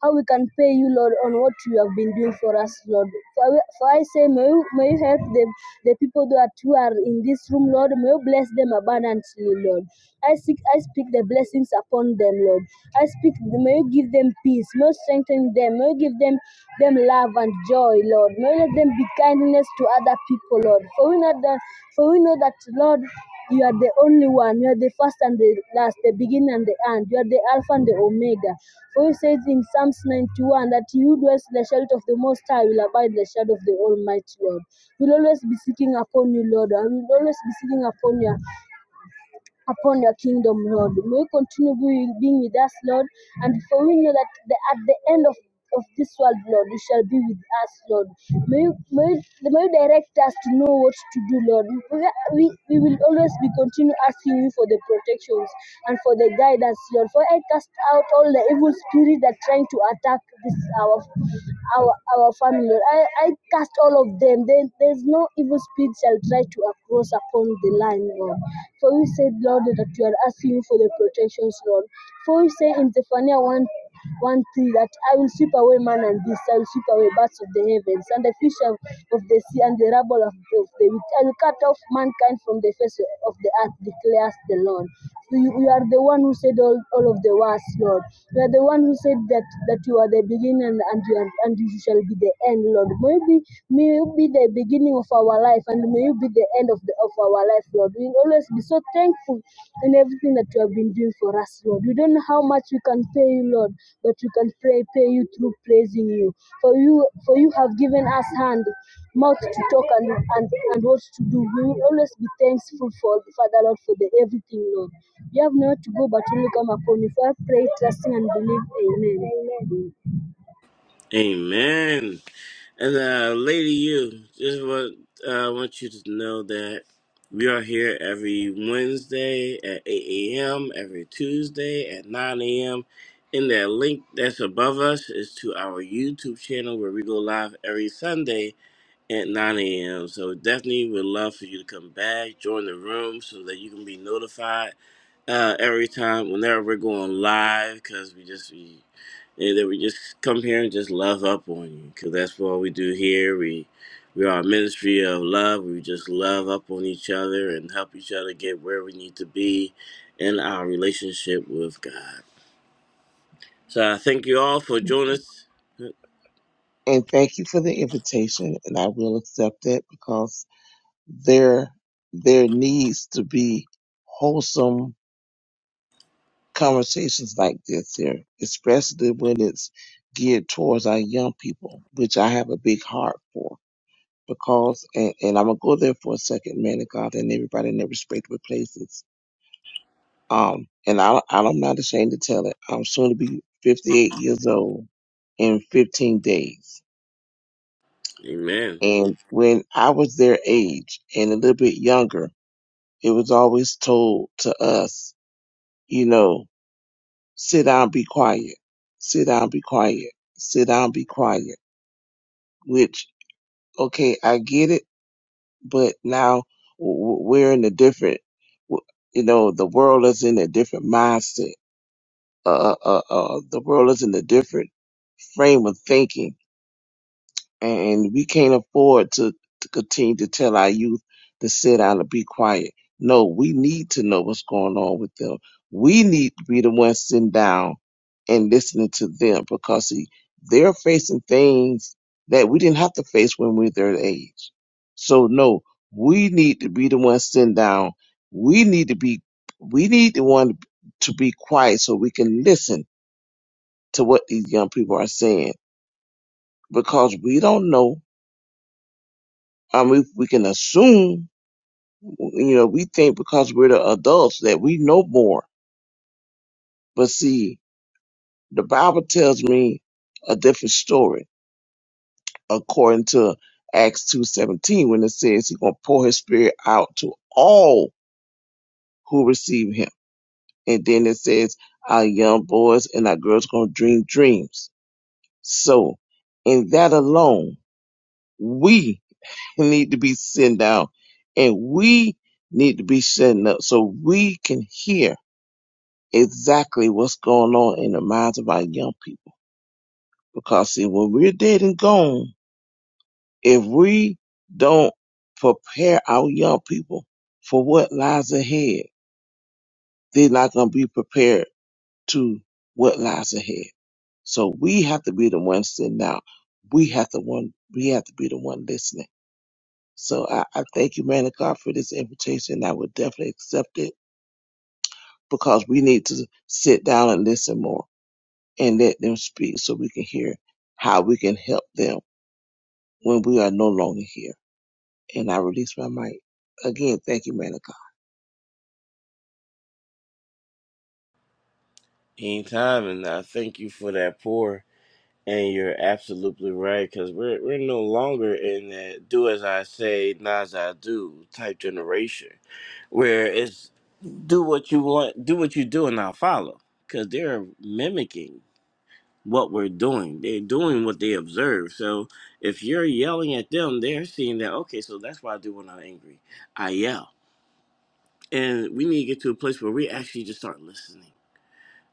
Speaker 2: how we can pay you, Lord, on what you have been doing for us, Lord. For I, for I say, may you, may you help the, the people that who are in this room, Lord. May you bless them abundantly, Lord. I seek, I speak the blessings upon them, Lord. I speak, may you give them peace, may you strengthen them, may you give them them love and joy, Lord. May you let them be kindness to other people, Lord. For we know that, for we know that, Lord you are the only one. You are the first and the last, the beginning and the end. You are the Alpha and the Omega. For you says in Psalms 91 that he who dwells in the shelter of the Most High will abide in the shadow of the Almighty Lord. We'll always be seeking upon you, Lord. I will always be seeking upon you upon your kingdom, Lord. May you continue being with us, Lord. And for we know that the, at the end of of this world, Lord, you shall be with us, Lord. May you, may, you, may you direct us to know what to do, Lord. We, we, we will always be continue asking you for the protections and for the guidance, Lord. For I cast out all the evil spirits that are trying to attack this our our our family, Lord. I, I cast all of them. There, there's no evil spirit shall try try to cross upon the line, Lord. For we said, Lord, that we are asking for the protections, Lord. For we say in Zephaniah 1 1 3 that I will sweep away man and beast, I will sweep away birds of the heavens, and the fish of, of the sea, and the rabble of, of the wheat. I will cut off mankind from the face of the earth, declares the Lord. You, you are the one who said all, all of the words, Lord. You are the one who said that, that you are the beginning and and you, are, and you shall be the end, Lord. Maybe may you be the beginning of our life and may you be the end of, the, of our life, Lord. We will always be so thankful in everything that you have been doing for us, Lord. We don't know how much we can pay you, Lord, but we can pray, pay you through praising you. For you for you have given us hand, mouth to talk and, and, and what to do. We will always be thankful for Father Lord for the everything, Lord. You have nowhere to go but only come upon you. For I pray, trusting and believe. Amen.
Speaker 1: Amen. And uh, Lady You, just want uh, I want you to know that we are here every Wednesday at 8 a.m., every Tuesday at 9 a.m. And that link that's above us is to our YouTube channel where we go live every Sunday at 9 a.m. So definitely would love for you to come back, join the room so that you can be notified uh, every time whenever we're going live because we just we and then we just come here and just love up on you because that's what we do here. We we are a ministry of love. We just love up on each other and help each other get where we need to be in our relationship with God. So I thank you all for joining us.
Speaker 3: And thank you for the invitation, and I will accept it because there there needs to be wholesome conversations like this here, especially when it's geared towards our young people, which I have a big heart for. Because, and, and I'm gonna go there for a second, man of God, and everybody in their respective places. Um, and I, I'm not ashamed to tell it. I'm soon to be 58 years old in 15 days.
Speaker 1: Amen.
Speaker 3: And when I was their age and a little bit younger, it was always told to us, you know. sit down, be quiet, sit down, be quiet, sit down, be quiet. Which, okay, I get it, but now w- w- we're in a different, w- you know, the world is in a different mindset. Uh, uh, uh, uh, the world is in a different frame of thinking and we can't afford to, to continue to tell our youth to sit down and be quiet. No, we need to know what's going on with them. We need to be the ones sitting down and listening to them because see, they're facing things that we didn't have to face when we were their age. So no, we need to be the ones sitting down. We need to be, we need the one to be quiet so we can listen to what these young people are saying because we don't know Um, we, we can assume, you know, we think because we're the adults that we know more. But see, the Bible tells me a different story according to Acts 2.17 when it says he's going to pour his spirit out to all who receive him. And then it says our young boys and our girls going to dream dreams. So in that alone, we need to be sitting down and we need to be setting up so we can hear exactly what's going on in the minds of our young people. Because see, when we're dead and gone, if we don't prepare our young people for what lies ahead, they're not going to be prepared to what lies ahead. So we have to be the ones sitting out. We have to one. We have to be the one listening. So I, I thank you, man of God, for this invitation. I would definitely accept it because we need to sit down and listen more. and let them speak so we can hear how we can help them when we are no longer here. And I release my mic. Again, thank you, man of God.
Speaker 1: Anytime, and I thank you for that pour. And you're absolutely right, because we're we're no longer in that do as I say, not as I do type generation, where it's do what you want, do what you do, and not follow, because they're mimicking what we're doing. They're doing what they observe. So if you're yelling at them, they're seeing that. Okay, so that's what I do when I'm angry. I yell, and we need to get to a place where we actually just start listening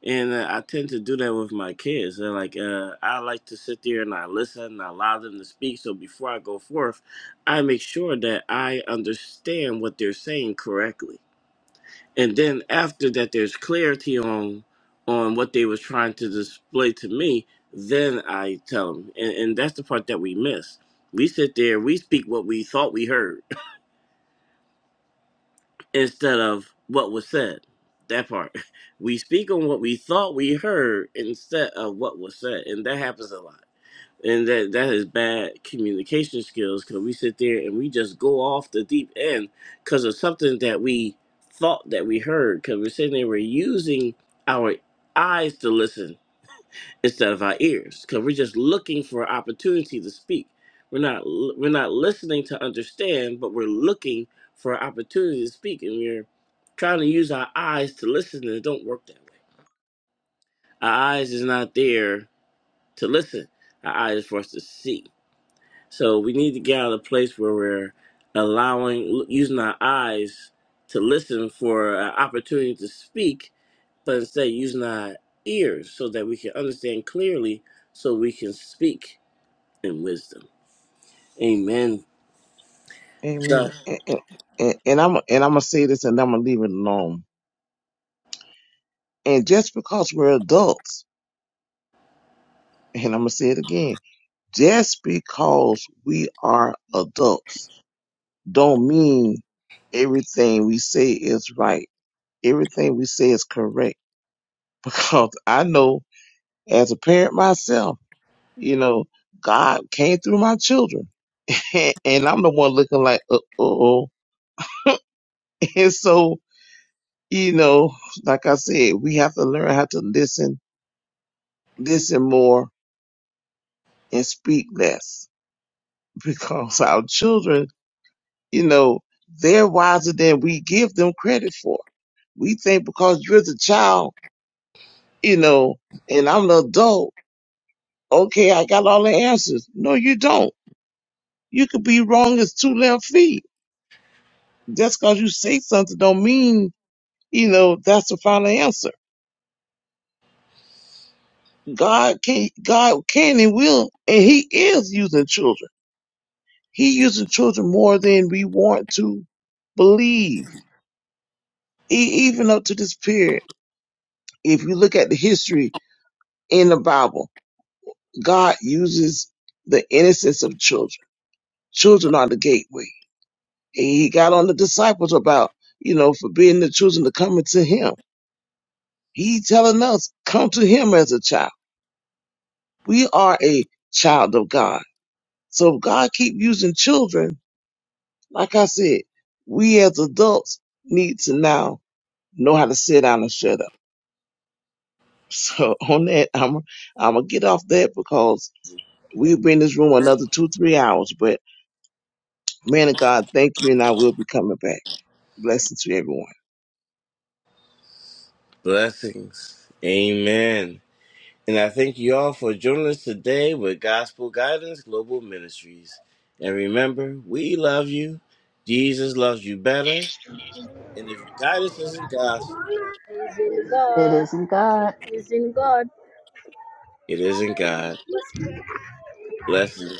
Speaker 1: and uh, I tend to do that with my kids. They're like, uh, I like to sit there and I listen and I allow them to speak. So before I go forth, I make sure that I understand what they're saying correctly. And then after that, there's clarity on on what they was trying to display to me. Then I tell them, and, and that's the part that we miss. We sit there, we speak what we thought we heard instead of what was said. That part. We speak on what we thought we heard instead of what was said. And that happens a lot. And that, that is bad communication skills because we sit there and we just go off the deep end because of something that we thought that we heard because we're sitting there, we're using our eyes to listen instead of our ears because we're just looking for an opportunity to speak we're not we're not listening to understand but we're looking for an opportunity to speak and we're trying to use our eyes to listen and it don't work that way our eyes is not there to listen our eyes is for us to see so we need to get out of the place where we're allowing using our eyes to listen for an opportunity to speak but instead using our ears so that we can understand clearly so we can speak and wisdom. Amen.
Speaker 3: Amen.
Speaker 1: God.
Speaker 3: And, and, and and I'm and I'm gonna say this, and I'm gonna leave it alone. And just because we're adults, and I'm gonna say it again, just because we are adults, don't mean everything we say is right. Everything we say is correct. Because I know as a parent myself. You know, God came through my children. and I'm the one looking like, uh oh. And so, you know, like I said, we have to learn how to listen, listen more, and speak less because our children, you know, they're wiser than we give them credit for. We think because you're the child, you know, and I'm the adult, okay, I got all the answers. No, you don't. You could be wrong as two left feet. Just because you say something don't mean you know, that's the final answer. God can, God can and will, and He is using children. He uses children more than we want to believe, e- even up to this period. If you look at the history in the Bible, God uses the innocence of children. Children are the gateway. And He got on the disciples about, you know, forbidding the children to come into Him. He telling us, come to Him as a child. We are a child of God So God keep using children. Like I said, we as adults need to now know how to sit down and shut up. So on that, I'm I'm gonna get off that because we'll be in this room another two three hours. But man of God, thank you, and I will be coming back. Blessings to everyone.
Speaker 1: Blessings. Amen. And I thank you all for joining us today with Gospel Guidance Global Ministries. And remember, we love you. Jesus loves you better. And if your guidance isn't gospel,
Speaker 2: Amen. Is in
Speaker 4: it
Speaker 2: God.
Speaker 4: isn't god
Speaker 2: Is in God.
Speaker 1: it isn't God. Blessings.